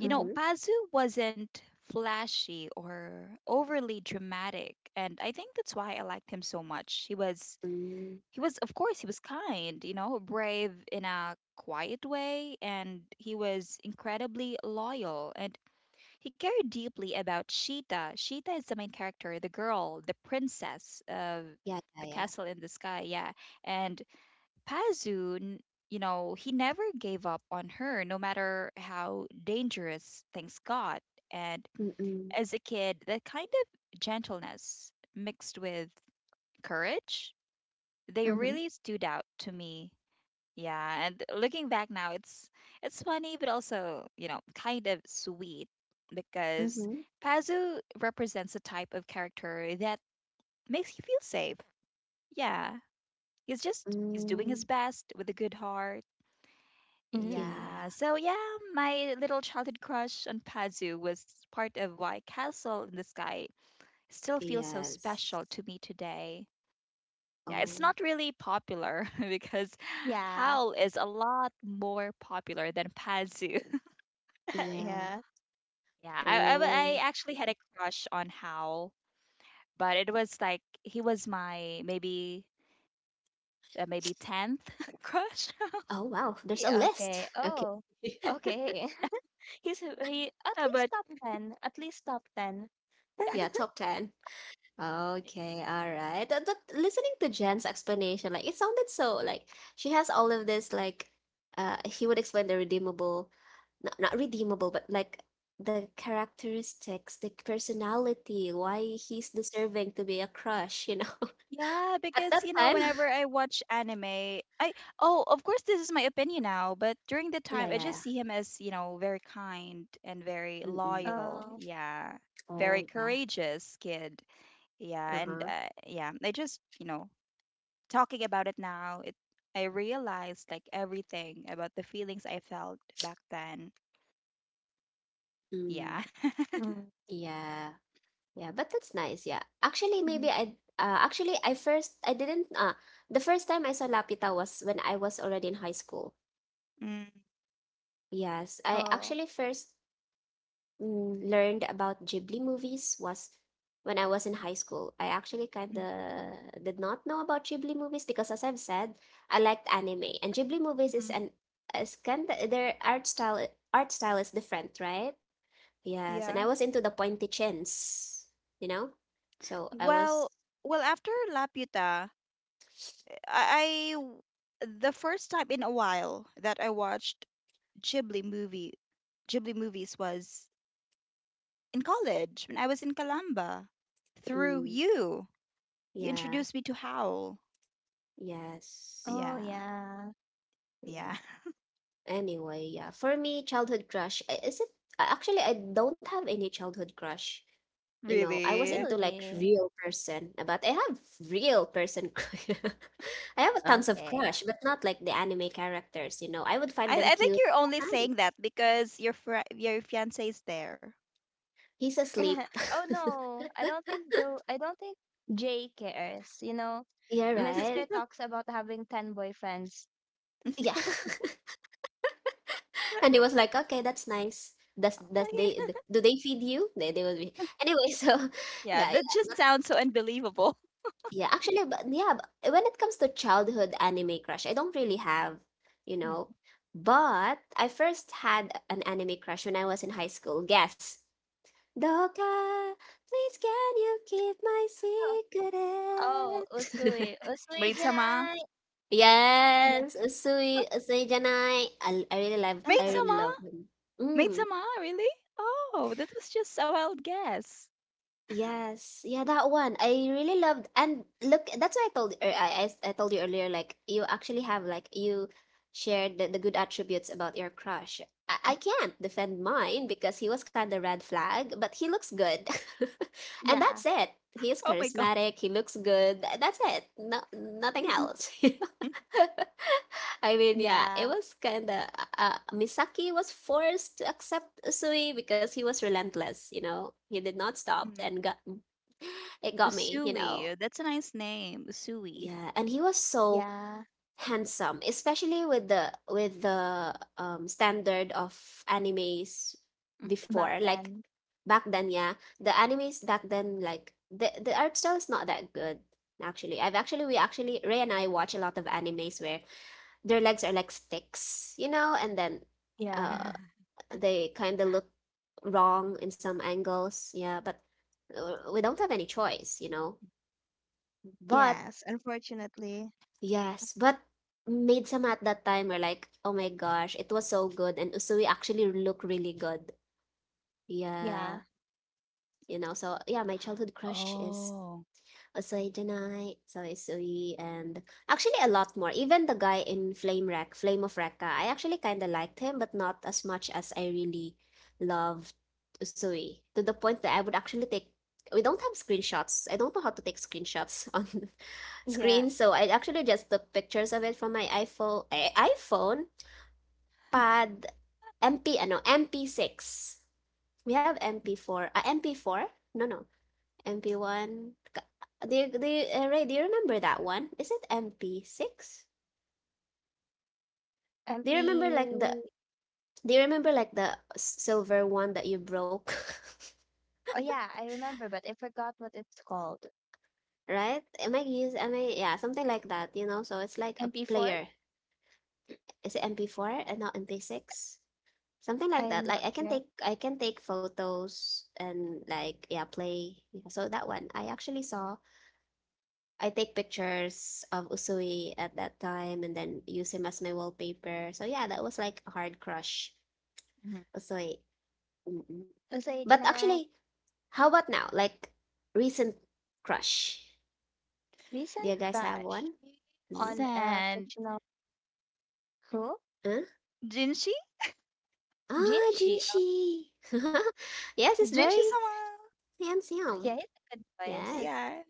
[SPEAKER 2] You
[SPEAKER 1] Mm-hmm. Mm.
[SPEAKER 2] know,
[SPEAKER 1] Mm.
[SPEAKER 2] Pazu wasn't flashy or overly dramatic, and I think that's why I liked him so much. He was
[SPEAKER 1] Hmm. Mm.
[SPEAKER 2] he was of course he was kind, you know, brave in a quiet way, and he was incredibly loyal, and he cared deeply about Sheeta. Sheeta is the main character, the girl, the princess of
[SPEAKER 1] Yeah, yeah,
[SPEAKER 2] the
[SPEAKER 1] yeah.
[SPEAKER 2] castle in the sky, yeah. And Pazu, n- you know, he never gave up on her, no matter how dangerous things got. And
[SPEAKER 1] Mm-mm.
[SPEAKER 2] as a kid, that kind of gentleness mixed with courage, they
[SPEAKER 1] Mhm,
[SPEAKER 2] really stood out to me. Yeah, and looking back now, it's it's funny, but also you know kind of sweet, because
[SPEAKER 1] mhm.
[SPEAKER 2] Pazu represents a type of character that makes you feel safe. Yeah, he's just he's doing his
[SPEAKER 1] Mm,
[SPEAKER 2] best with a good heart.
[SPEAKER 3] Mm-hmm.
[SPEAKER 1] yeah,
[SPEAKER 2] Yeah, so yeah, my little childhood crush on Pazu was part of why Castle in the Sky still feels so
[SPEAKER 1] yes.
[SPEAKER 2] special to me today. Yeah, it's
[SPEAKER 1] Oh,
[SPEAKER 2] not really popular because
[SPEAKER 3] Yeah.
[SPEAKER 2] Howl is a lot more popular than Pazu.
[SPEAKER 1] yeah.
[SPEAKER 3] Yeah.
[SPEAKER 2] Yeah, I I
[SPEAKER 1] Oh,
[SPEAKER 2] I actually had a crush on Howl, but it was like he was my maybe uh, maybe tenth crush.
[SPEAKER 1] oh, wow. There's a
[SPEAKER 3] Yeah,
[SPEAKER 1] list.
[SPEAKER 3] okay.
[SPEAKER 1] Okay.
[SPEAKER 3] Oh, okay. He's he at
[SPEAKER 2] Uh,
[SPEAKER 3] least
[SPEAKER 2] but
[SPEAKER 3] top ten, at least top ten.
[SPEAKER 2] yeah,
[SPEAKER 1] Yeah, top ten. Okay, all right. That, that, listening to Jen's explanation, like it sounded so like she has all of this like uh he would explain the redeemable, not not redeemable, but like the characteristics, the personality, why he's deserving to be a crush, you know.
[SPEAKER 2] yeah,
[SPEAKER 1] At
[SPEAKER 2] because
[SPEAKER 1] that
[SPEAKER 2] you know
[SPEAKER 1] time,
[SPEAKER 2] whenever I watch anime, I oh, of course this is my opinion now, but during the
[SPEAKER 1] yeah,
[SPEAKER 2] time I just
[SPEAKER 1] yeah.
[SPEAKER 2] see him as you know very kind and very
[SPEAKER 1] Mm.
[SPEAKER 2] loyal.
[SPEAKER 3] Oh,
[SPEAKER 2] Yeah, very
[SPEAKER 1] Oh, yeah.
[SPEAKER 2] courageous kid. Yeah, and
[SPEAKER 1] Uh-huh.
[SPEAKER 2] uh, yeah, I just, you know, talking about it now, it I realized like everything about the feelings I felt back then.
[SPEAKER 1] Mm.
[SPEAKER 2] Yeah.
[SPEAKER 3] mm,
[SPEAKER 1] Yeah. Yeah, but that's nice. Yeah. Actually,
[SPEAKER 2] Mhm.
[SPEAKER 1] maybe I uh actually I first I didn't uh the first time I saw Lapita was when I was already in high school.
[SPEAKER 2] Mm,
[SPEAKER 1] Yes. I
[SPEAKER 3] oh,
[SPEAKER 1] actually first, mm, learned about Ghibli movies was when I was in high school. I actually kind
[SPEAKER 2] mm,
[SPEAKER 1] of did not know about Ghibli movies because, as I've said, I liked anime and Ghibli movies is
[SPEAKER 2] mhm.
[SPEAKER 1] an is kind of their art style. Art style is different, right? Yes, and
[SPEAKER 2] Yeah.
[SPEAKER 1] I was into the pointy chins, you know? So I
[SPEAKER 2] Well,
[SPEAKER 1] was,
[SPEAKER 2] well, after Laputa, I, I w- the first time in a while that I watched Ghibli movie, Ghibli movies was in college when I was in Calamba through
[SPEAKER 1] mm,
[SPEAKER 2] you. You
[SPEAKER 1] yeah,
[SPEAKER 2] introduced me to Howl.
[SPEAKER 1] yes,
[SPEAKER 3] oh
[SPEAKER 2] Yeah.
[SPEAKER 3] yeah.
[SPEAKER 2] Yeah.
[SPEAKER 1] yeah. Anyway, yeah. For me, childhood crush, I- is it? I- Actually, I don't have any childhood crush. You know, I was
[SPEAKER 2] Really?
[SPEAKER 1] into like
[SPEAKER 3] Really?
[SPEAKER 1] real person, but I have real person. cr- I have tons of
[SPEAKER 3] Okay.
[SPEAKER 1] crush, but not like the anime characters, you know. I would
[SPEAKER 2] I
[SPEAKER 1] find them
[SPEAKER 2] I think
[SPEAKER 1] cute.
[SPEAKER 2] you're
[SPEAKER 1] Oh,
[SPEAKER 2] only
[SPEAKER 1] nice.
[SPEAKER 2] saying that because your fr- your fiance is there.
[SPEAKER 1] He's asleep.
[SPEAKER 3] Oh no, I don't think Joe, I don't think Jay cares. You know,
[SPEAKER 1] Yeah,
[SPEAKER 3] my sister
[SPEAKER 1] right?
[SPEAKER 3] talks about having ten boyfriends.
[SPEAKER 1] Yeah. And he was like, okay, that's nice. Does does they d- do they feed you? They they will be anyway. So
[SPEAKER 2] Yeah,
[SPEAKER 1] yeah,
[SPEAKER 2] that
[SPEAKER 1] yeah, but,
[SPEAKER 2] just sounds so unbelievable.
[SPEAKER 1] yeah. Actually, but yeah, but when it comes to childhood anime crush, I don't really have, you know.
[SPEAKER 2] Mhm.
[SPEAKER 1] But I first had an anime crush when I was in high school. Guess, Doka, please can you keep my secret?
[SPEAKER 3] Oh, Usui, Usui
[SPEAKER 2] Maid-sama?
[SPEAKER 3] Janai. Yeah,
[SPEAKER 1] Yes, Usui, Usui Janai. I, I really love I really
[SPEAKER 2] Maid-sama?
[SPEAKER 1] love him. Mm.
[SPEAKER 2] Maid-sama? Really? Oh, that was just a wild guess.
[SPEAKER 1] Yes, yeah, that one I really loved, and look, that's why I told er, I, I s- I told you earlier, like you actually have like you shared the, the good attributes about your crush. I, I can't defend mine because he was kind of red flag, but he looks good, and that's
[SPEAKER 3] yeah,
[SPEAKER 1] it. He is
[SPEAKER 2] Oh my god.
[SPEAKER 1] charismatic. He looks good. tha- That's it. No, nothing else. I mean, yeah, it
[SPEAKER 3] yeah.
[SPEAKER 1] was kind of uh, Misaki was forced to accept Usui because he was relentless, you know. He did not stop
[SPEAKER 2] Mm.
[SPEAKER 1] and got it got me, you know.
[SPEAKER 2] Usui. That's a nice name. Usui.
[SPEAKER 1] Yeah, and he was so
[SPEAKER 3] Yeah.
[SPEAKER 1] handsome, especially with the with the um standard of animes
[SPEAKER 2] Mhm.
[SPEAKER 1] before.
[SPEAKER 3] Back
[SPEAKER 1] Like
[SPEAKER 3] then.
[SPEAKER 1] back then, yeah, the animes back then like the the art style is not that good actually. I've actually we actually Ray and I watch a lot of animes where their legs are like sticks, you know, and then
[SPEAKER 3] Yeah.
[SPEAKER 1] uh they kind of look wrong in some angles. Yeah, but uh, we don't have any choice, you know. But
[SPEAKER 3] Yes, unfortunately.
[SPEAKER 1] yes, but made some at that time were like, oh my gosh, it was so good, and Usui actually looked really good. Yeah,
[SPEAKER 3] Yeah,
[SPEAKER 1] you know. So yeah, my childhood crush
[SPEAKER 2] Oh.
[SPEAKER 1] is Osoy Janai, Soy Sui, and actually a lot more. Even the guy in Flame Wreck, Flame of Recca, I actually kind of liked him, but not as much as I really loved Usui. To the point that I would actually take. We don't have screenshots. I don't know how to take screenshots on
[SPEAKER 3] yeah.
[SPEAKER 1] screen, so I actually just took pictures of it from my iPhone, eh, iPhone pad M P, ano, M P six. We have M P four, uh, M P four? No, no. M P one. Do you, do you, uh, Ray, do you remember that one? Is it M P six? Do
[SPEAKER 3] M P,
[SPEAKER 1] you remember like the do you remember like the silver one that you broke?
[SPEAKER 3] oh, yeah, I remember, but I forgot what it's called.
[SPEAKER 1] Right? Am I use am I yeah, something like that, you know? So it's like a
[SPEAKER 3] M P four?
[SPEAKER 1] player. Is it M P four and not M P six? Something like that.
[SPEAKER 3] I'm
[SPEAKER 1] Like
[SPEAKER 3] not
[SPEAKER 1] I can
[SPEAKER 3] sure.
[SPEAKER 1] take I can take photos and like yeah, play. Yeah, so that one I actually saw I take pictures of Usui at that time and then use him as my wallpaper. So yeah, that was like a hard crush.
[SPEAKER 2] Mhm.
[SPEAKER 1] Usui. Mm-mm.
[SPEAKER 3] Usay
[SPEAKER 1] But
[SPEAKER 3] Janai,
[SPEAKER 1] actually, how about now? Like recent crush. Do
[SPEAKER 3] recent
[SPEAKER 1] you guys have
[SPEAKER 3] crush
[SPEAKER 1] one?
[SPEAKER 2] Mhm.
[SPEAKER 1] Hmm?
[SPEAKER 3] on a
[SPEAKER 2] Sand.
[SPEAKER 3] fictional, who?
[SPEAKER 1] Huh?
[SPEAKER 2] Jinshi?
[SPEAKER 1] Ah,
[SPEAKER 3] Jinshi.
[SPEAKER 1] Jinshi. Yes, it's very
[SPEAKER 2] Jinshi-sama.
[SPEAKER 3] Oh,
[SPEAKER 1] handsome.
[SPEAKER 3] yeah, he's a good choice.
[SPEAKER 1] Yes.
[SPEAKER 2] Yeah.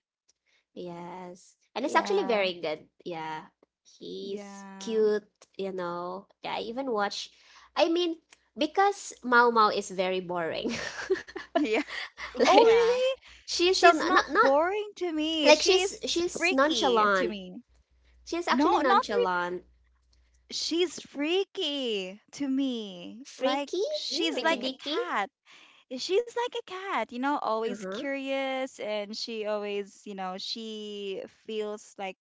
[SPEAKER 1] Yes. And it's actually
[SPEAKER 3] Yeah.
[SPEAKER 1] very good. Yeah. He's
[SPEAKER 2] Yeah.
[SPEAKER 1] cute, you know. Yeah, I even watch I mean, because Mao Mao is very boring.
[SPEAKER 2] Yeah. Oh,
[SPEAKER 1] Like
[SPEAKER 3] Yeah.
[SPEAKER 2] really?
[SPEAKER 1] she's so
[SPEAKER 2] She's
[SPEAKER 1] not,
[SPEAKER 2] not
[SPEAKER 1] not not
[SPEAKER 2] boring to me.
[SPEAKER 1] like she's
[SPEAKER 2] She's
[SPEAKER 1] she's
[SPEAKER 2] freaky to
[SPEAKER 1] nonchalant.
[SPEAKER 2] me.
[SPEAKER 1] She's actually
[SPEAKER 2] No, not re-
[SPEAKER 1] nonchalant.
[SPEAKER 2] she's freaky to me. Like
[SPEAKER 1] Freaky?
[SPEAKER 2] she's
[SPEAKER 1] Freaky
[SPEAKER 2] like
[SPEAKER 3] Really?
[SPEAKER 2] a
[SPEAKER 1] dicky.
[SPEAKER 2] cat. Eh, She's like a cat, you know, always
[SPEAKER 1] Uh-huh.
[SPEAKER 2] curious, and she always, you know, she feels like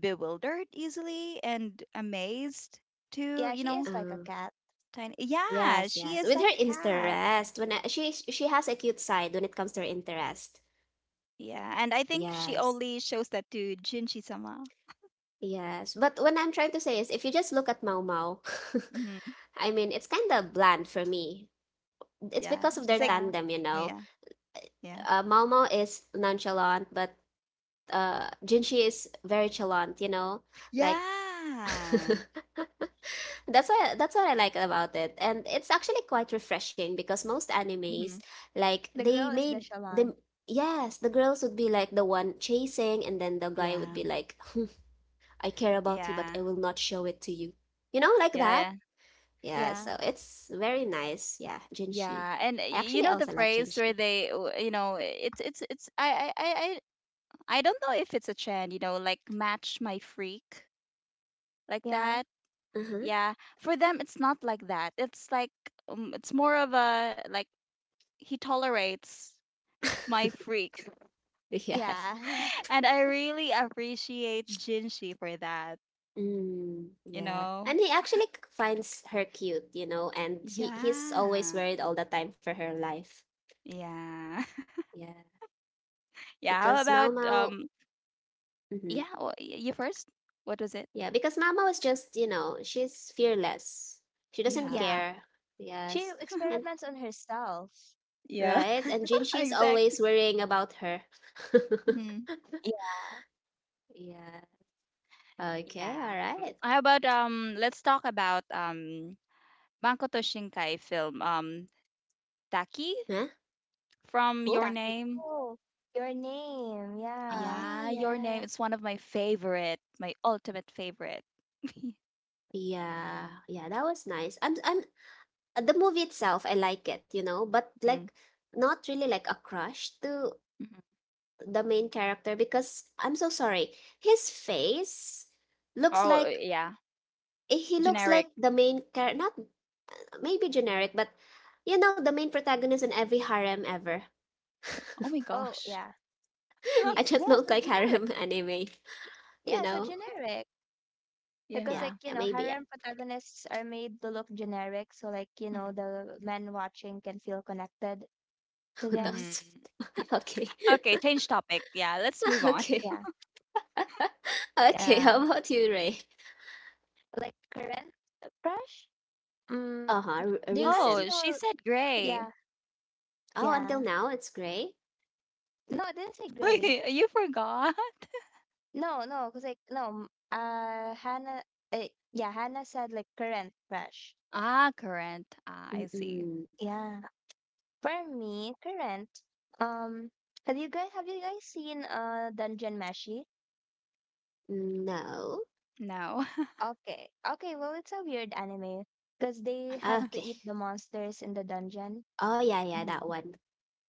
[SPEAKER 2] bewildered easily and amazed too,
[SPEAKER 3] Yeah,
[SPEAKER 2] you
[SPEAKER 3] she
[SPEAKER 2] know,
[SPEAKER 3] is like a
[SPEAKER 1] Uh,
[SPEAKER 3] cat.
[SPEAKER 2] tiny. Yeah,
[SPEAKER 1] yes,
[SPEAKER 2] she
[SPEAKER 1] yes.
[SPEAKER 2] is
[SPEAKER 1] With
[SPEAKER 2] like
[SPEAKER 1] her
[SPEAKER 2] a cat.
[SPEAKER 1] interest. When I, she she has a cute side when it comes to her interest.
[SPEAKER 2] Yeah, and I think she
[SPEAKER 1] Yes.
[SPEAKER 2] only shows that to Jinchi-sama.
[SPEAKER 1] Yes, but what I'm trying to say is if you just look at Mau Mau,
[SPEAKER 2] Hmm.
[SPEAKER 1] I mean, it's kind of bland for me. It's
[SPEAKER 2] Yeah,
[SPEAKER 1] because of
[SPEAKER 2] she's
[SPEAKER 1] their
[SPEAKER 2] like
[SPEAKER 3] Yeah.
[SPEAKER 1] tandem, you know.
[SPEAKER 2] yeah. Yeah.
[SPEAKER 1] Uh, Mau Mau is nonchalant, but uh, Jinshi is very chalant, you know. Like
[SPEAKER 2] Yeah.
[SPEAKER 1] that's why that's what I like about it. And it's actually quite refreshing because most
[SPEAKER 2] Hmm.
[SPEAKER 1] animes, like
[SPEAKER 3] The
[SPEAKER 1] they
[SPEAKER 3] girl is the
[SPEAKER 1] made
[SPEAKER 3] Shalon.
[SPEAKER 1] them, yes, the girls would be like the one chasing and then the guy would
[SPEAKER 2] Yeah.
[SPEAKER 1] be like, hmm, I care about you, but
[SPEAKER 2] Yeah.
[SPEAKER 1] I will not show it to you. You know, like
[SPEAKER 2] Yeah.
[SPEAKER 1] that.
[SPEAKER 2] Yeah.
[SPEAKER 1] Yeah,
[SPEAKER 3] Yeah.
[SPEAKER 1] so it's very nice. Yeah, Jinshi.
[SPEAKER 2] Yeah. And y-
[SPEAKER 1] I
[SPEAKER 2] you
[SPEAKER 1] actually
[SPEAKER 2] know the
[SPEAKER 1] also like
[SPEAKER 2] phrase where
[SPEAKER 1] Jinshi.
[SPEAKER 2] they, w- you know, it's it's it's I I I I I don't know if it's a trend, you know, like match my freak like
[SPEAKER 3] Yeah.
[SPEAKER 2] that.
[SPEAKER 1] Uh-huh.
[SPEAKER 2] Yeah. For them, it's not like that. It's like um, it's more of a like he tolerates my freak,
[SPEAKER 1] Yes.
[SPEAKER 3] Yeah.
[SPEAKER 2] and I really appreciate Jinshi for that.
[SPEAKER 1] Mm,
[SPEAKER 2] You
[SPEAKER 1] yeah.
[SPEAKER 2] know.
[SPEAKER 1] And he actually c- finds her cute, you know, and he, he's always
[SPEAKER 2] Yeah.
[SPEAKER 1] worried all the time for her life.
[SPEAKER 2] Yeah.
[SPEAKER 1] Yeah.
[SPEAKER 2] Yeah, how
[SPEAKER 1] Because Mao
[SPEAKER 2] about
[SPEAKER 1] Mao,
[SPEAKER 2] um
[SPEAKER 1] mhm.
[SPEAKER 2] yeah, well, y- you first. What was it?
[SPEAKER 1] Yeah, because Mao Mao is just, you know, she's fearless. She doesn't
[SPEAKER 2] Yeah.
[SPEAKER 3] Yeah.
[SPEAKER 1] care.
[SPEAKER 3] She
[SPEAKER 1] Yes. And
[SPEAKER 3] experiments on herself.
[SPEAKER 2] Yeah,
[SPEAKER 1] right? And Jinshi is always
[SPEAKER 2] exactly.
[SPEAKER 1] worrying about her.
[SPEAKER 2] Mhm.
[SPEAKER 3] Yeah.
[SPEAKER 1] Yeah. Okay. All
[SPEAKER 2] Yeah. Um,
[SPEAKER 1] right.
[SPEAKER 2] how about um let's talk about um Makoto Shinkai film um Taki
[SPEAKER 1] Huh?
[SPEAKER 2] from
[SPEAKER 1] Who?
[SPEAKER 2] Your
[SPEAKER 3] Taki.
[SPEAKER 2] Name.
[SPEAKER 3] Oh, your name. Yeah.
[SPEAKER 1] Oh,
[SPEAKER 2] Yeah, Your Name.
[SPEAKER 1] yeah.
[SPEAKER 2] It's one of my favorite, my ultimate favorite.
[SPEAKER 1] Yeah. Yeah. That was nice. I'm. I'm. Uh, The movie itself, I like it. You know, but
[SPEAKER 2] Mm,
[SPEAKER 1] like, not really like a crush to
[SPEAKER 2] mhm.
[SPEAKER 1] the main character because I'm so sorry. His face looks
[SPEAKER 2] Oh,
[SPEAKER 1] like
[SPEAKER 2] yeah.
[SPEAKER 1] eh, he looks
[SPEAKER 2] Generic.
[SPEAKER 1] like the main character. Not maybe generic, but you know, the main protagonist in every harem ever.
[SPEAKER 2] Oh my
[SPEAKER 3] Oh,
[SPEAKER 2] gosh.
[SPEAKER 3] yeah. Ye-
[SPEAKER 1] I just
[SPEAKER 3] Yeah,
[SPEAKER 1] don't
[SPEAKER 3] so
[SPEAKER 1] like
[SPEAKER 3] generic.
[SPEAKER 1] harem anime, you
[SPEAKER 3] Yeah, so
[SPEAKER 1] know?
[SPEAKER 3] generic. Because
[SPEAKER 1] Yeah,
[SPEAKER 2] Yeah.
[SPEAKER 3] like, you
[SPEAKER 1] yeah,
[SPEAKER 3] know,
[SPEAKER 1] maybe yeah.
[SPEAKER 3] harem protagonists are made to look generic, so like, you know,
[SPEAKER 2] Hmm.
[SPEAKER 3] the men watching can feel connected to
[SPEAKER 1] Who
[SPEAKER 3] them.
[SPEAKER 2] Hmm.
[SPEAKER 1] knows? Okay,
[SPEAKER 2] Okay, change topic. Yeah, let's move on.
[SPEAKER 1] okay,
[SPEAKER 3] Yeah.
[SPEAKER 1] okay.
[SPEAKER 3] Yeah.
[SPEAKER 1] How about you, Ray?
[SPEAKER 3] Like current crush? Mm,
[SPEAKER 1] Uh huh. Re-
[SPEAKER 3] do you guys
[SPEAKER 2] Oh,
[SPEAKER 1] Recent.
[SPEAKER 2] she
[SPEAKER 3] know,
[SPEAKER 2] said gray.
[SPEAKER 3] yeah,
[SPEAKER 1] Oh, until
[SPEAKER 3] yeah.
[SPEAKER 1] now it's gray.
[SPEAKER 3] No, I didn't say Gray.
[SPEAKER 2] Wait, you forgot?
[SPEAKER 3] No, no, because like no, m- uh Hannah, uh, yeah, Hannah said like current crush.
[SPEAKER 2] Ah, current. Ah, I see.
[SPEAKER 1] Mm-mm.
[SPEAKER 3] Yeah. For me, current. Um, have you guys have you guys seen uh Dungeon Meshi?
[SPEAKER 1] No.
[SPEAKER 2] No.
[SPEAKER 3] Okay, okay. Well, it's a weird anime because they have to
[SPEAKER 1] Okay.
[SPEAKER 3] eat the monsters in the dungeon.
[SPEAKER 1] Oh yeah, yeah, that
[SPEAKER 2] Mhm.
[SPEAKER 1] one.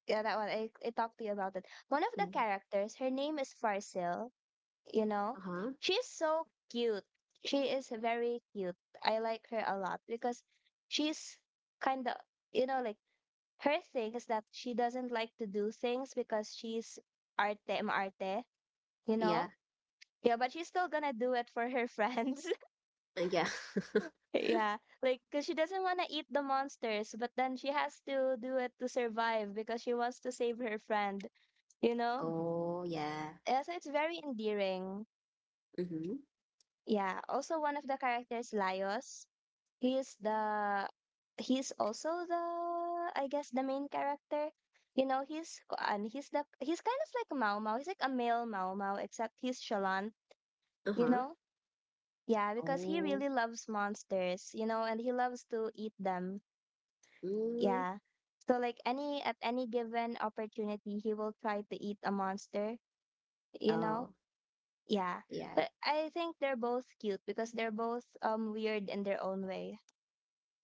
[SPEAKER 3] Yeah, that one. I, I talked to you about it. One of the
[SPEAKER 1] Yeah.
[SPEAKER 3] characters, her name is Farsil. You know,
[SPEAKER 1] Uh huh.
[SPEAKER 3] she's so cute. She is very cute. I like her a lot because she's kind of, you know, like her thing is that she doesn't like to do things because she's arte maarte, you know?
[SPEAKER 1] Yeah.
[SPEAKER 3] Yeah, but she's still gonna do it for her friends.
[SPEAKER 1] Uh, yeah.
[SPEAKER 3] Yeah, like, because she doesn't want to eat the monsters, but then she has to do it to survive because she wants to save her friend, you know?
[SPEAKER 2] Mhm.
[SPEAKER 1] Oh yeah.
[SPEAKER 3] Yeah, so it's very endearing.
[SPEAKER 1] Mm-hmm.
[SPEAKER 3] Yeah, also one of the characters, Laios, he is the, he's also the, I guess, the main character. You know, he's, and he's the, he's kind of like Mau Mau. He's like a male Mau Mau, except he's chalant, you
[SPEAKER 2] Mhm.
[SPEAKER 1] Uh-huh.
[SPEAKER 3] know? Yeah, because he
[SPEAKER 1] Oh.
[SPEAKER 3] really loves monsters, you know, and he loves to eat them.
[SPEAKER 1] Mm.
[SPEAKER 3] Yeah. So like any at any given opportunity, he will try to eat a monster, you know?
[SPEAKER 1] Oh.
[SPEAKER 3] Yeah.
[SPEAKER 1] Yeah.
[SPEAKER 3] But I think they're both cute because they're both um weird in their own way.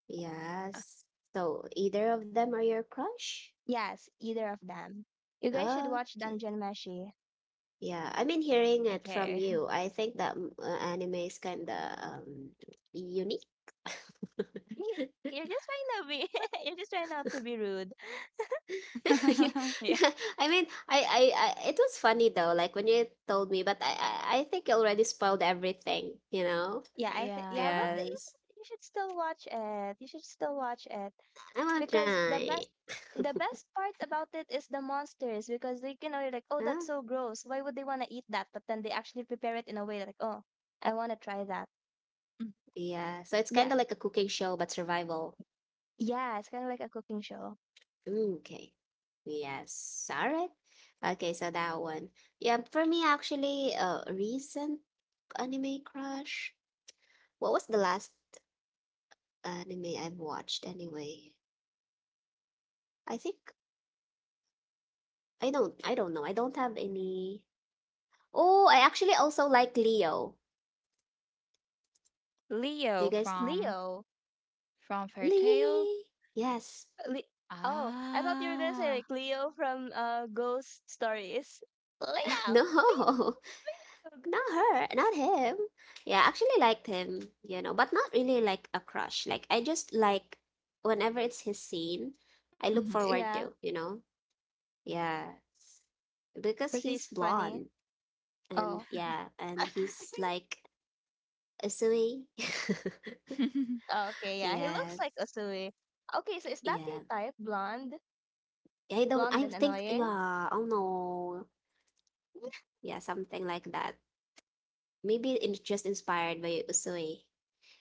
[SPEAKER 1] Yes. So either of them are your crush?
[SPEAKER 3] Yes, either of them. You guys should watch
[SPEAKER 1] Okay.
[SPEAKER 3] Dungeon Meshi.
[SPEAKER 1] Yeah, I've been hearing it from
[SPEAKER 2] Okay.
[SPEAKER 1] you. I think that mm, uh, anime is kind of um, unique.
[SPEAKER 3] You're just trying to be, you're just trying not to be rude.
[SPEAKER 2] Yeah.
[SPEAKER 1] I mean, I, I, I, it was funny though, like when you told me, but I, I, I think you already spoiled everything, you know?
[SPEAKER 3] Yeah, I think yeah, but
[SPEAKER 2] Yeah.
[SPEAKER 3] you
[SPEAKER 1] Yes.
[SPEAKER 3] you should still watch it. You should still watch it.
[SPEAKER 1] I will
[SPEAKER 3] Because the best, the
[SPEAKER 1] try.
[SPEAKER 3] best part about it is the monsters, because they, you know, you're like, oh,
[SPEAKER 1] Huh?
[SPEAKER 3] that's so gross, why would they want to eat that? But then they actually prepare it in a way that, like, oh, I want to try that.
[SPEAKER 2] Mm.
[SPEAKER 1] Yeah, so it's
[SPEAKER 3] Yeah,
[SPEAKER 1] kind of like a cooking show, but survival.
[SPEAKER 3] yeah, it's kind of like a cooking show.
[SPEAKER 1] Mm, okay. Yes. All right. Okay, so that one. Yeah, for me, actually, a recent anime crush. What was the last anime I've watched anyway? I think I don't I don't know. I don't have any. Oh, I actually also like Leo. Do
[SPEAKER 2] Leo
[SPEAKER 1] you guys
[SPEAKER 2] from
[SPEAKER 3] Leo.
[SPEAKER 2] from Fairytale.
[SPEAKER 1] Lee? Yes.
[SPEAKER 3] Le- oh, I thought you were gonna say
[SPEAKER 2] Ah.
[SPEAKER 3] like Leo from uh Ghost Stories. Leo.
[SPEAKER 1] No.
[SPEAKER 3] Leo. God
[SPEAKER 1] Not
[SPEAKER 3] damn.
[SPEAKER 1] her, not him. Yeah, I actually liked him, you know, but not really like a crush. Like I just like whenever it's his scene, I look
[SPEAKER 2] Mm-hmm.
[SPEAKER 1] forward
[SPEAKER 3] Yeah,
[SPEAKER 1] to, you know? Yeah. Because
[SPEAKER 3] because
[SPEAKER 1] he's
[SPEAKER 3] he's funny.
[SPEAKER 1] blonde and
[SPEAKER 3] Oh.
[SPEAKER 1] yeah, and he's like a silly.
[SPEAKER 3] Okay, yeah, he looks like
[SPEAKER 1] Yes,
[SPEAKER 3] Usui. Okay, so is that your
[SPEAKER 1] yeah.
[SPEAKER 3] type, blonde?
[SPEAKER 1] Yeah, I don't
[SPEAKER 3] Blonde
[SPEAKER 1] I
[SPEAKER 3] and
[SPEAKER 1] think
[SPEAKER 3] annoying.
[SPEAKER 1] yeah, oh no. Yeah, something like that. Maybe it's just inspired by Usui.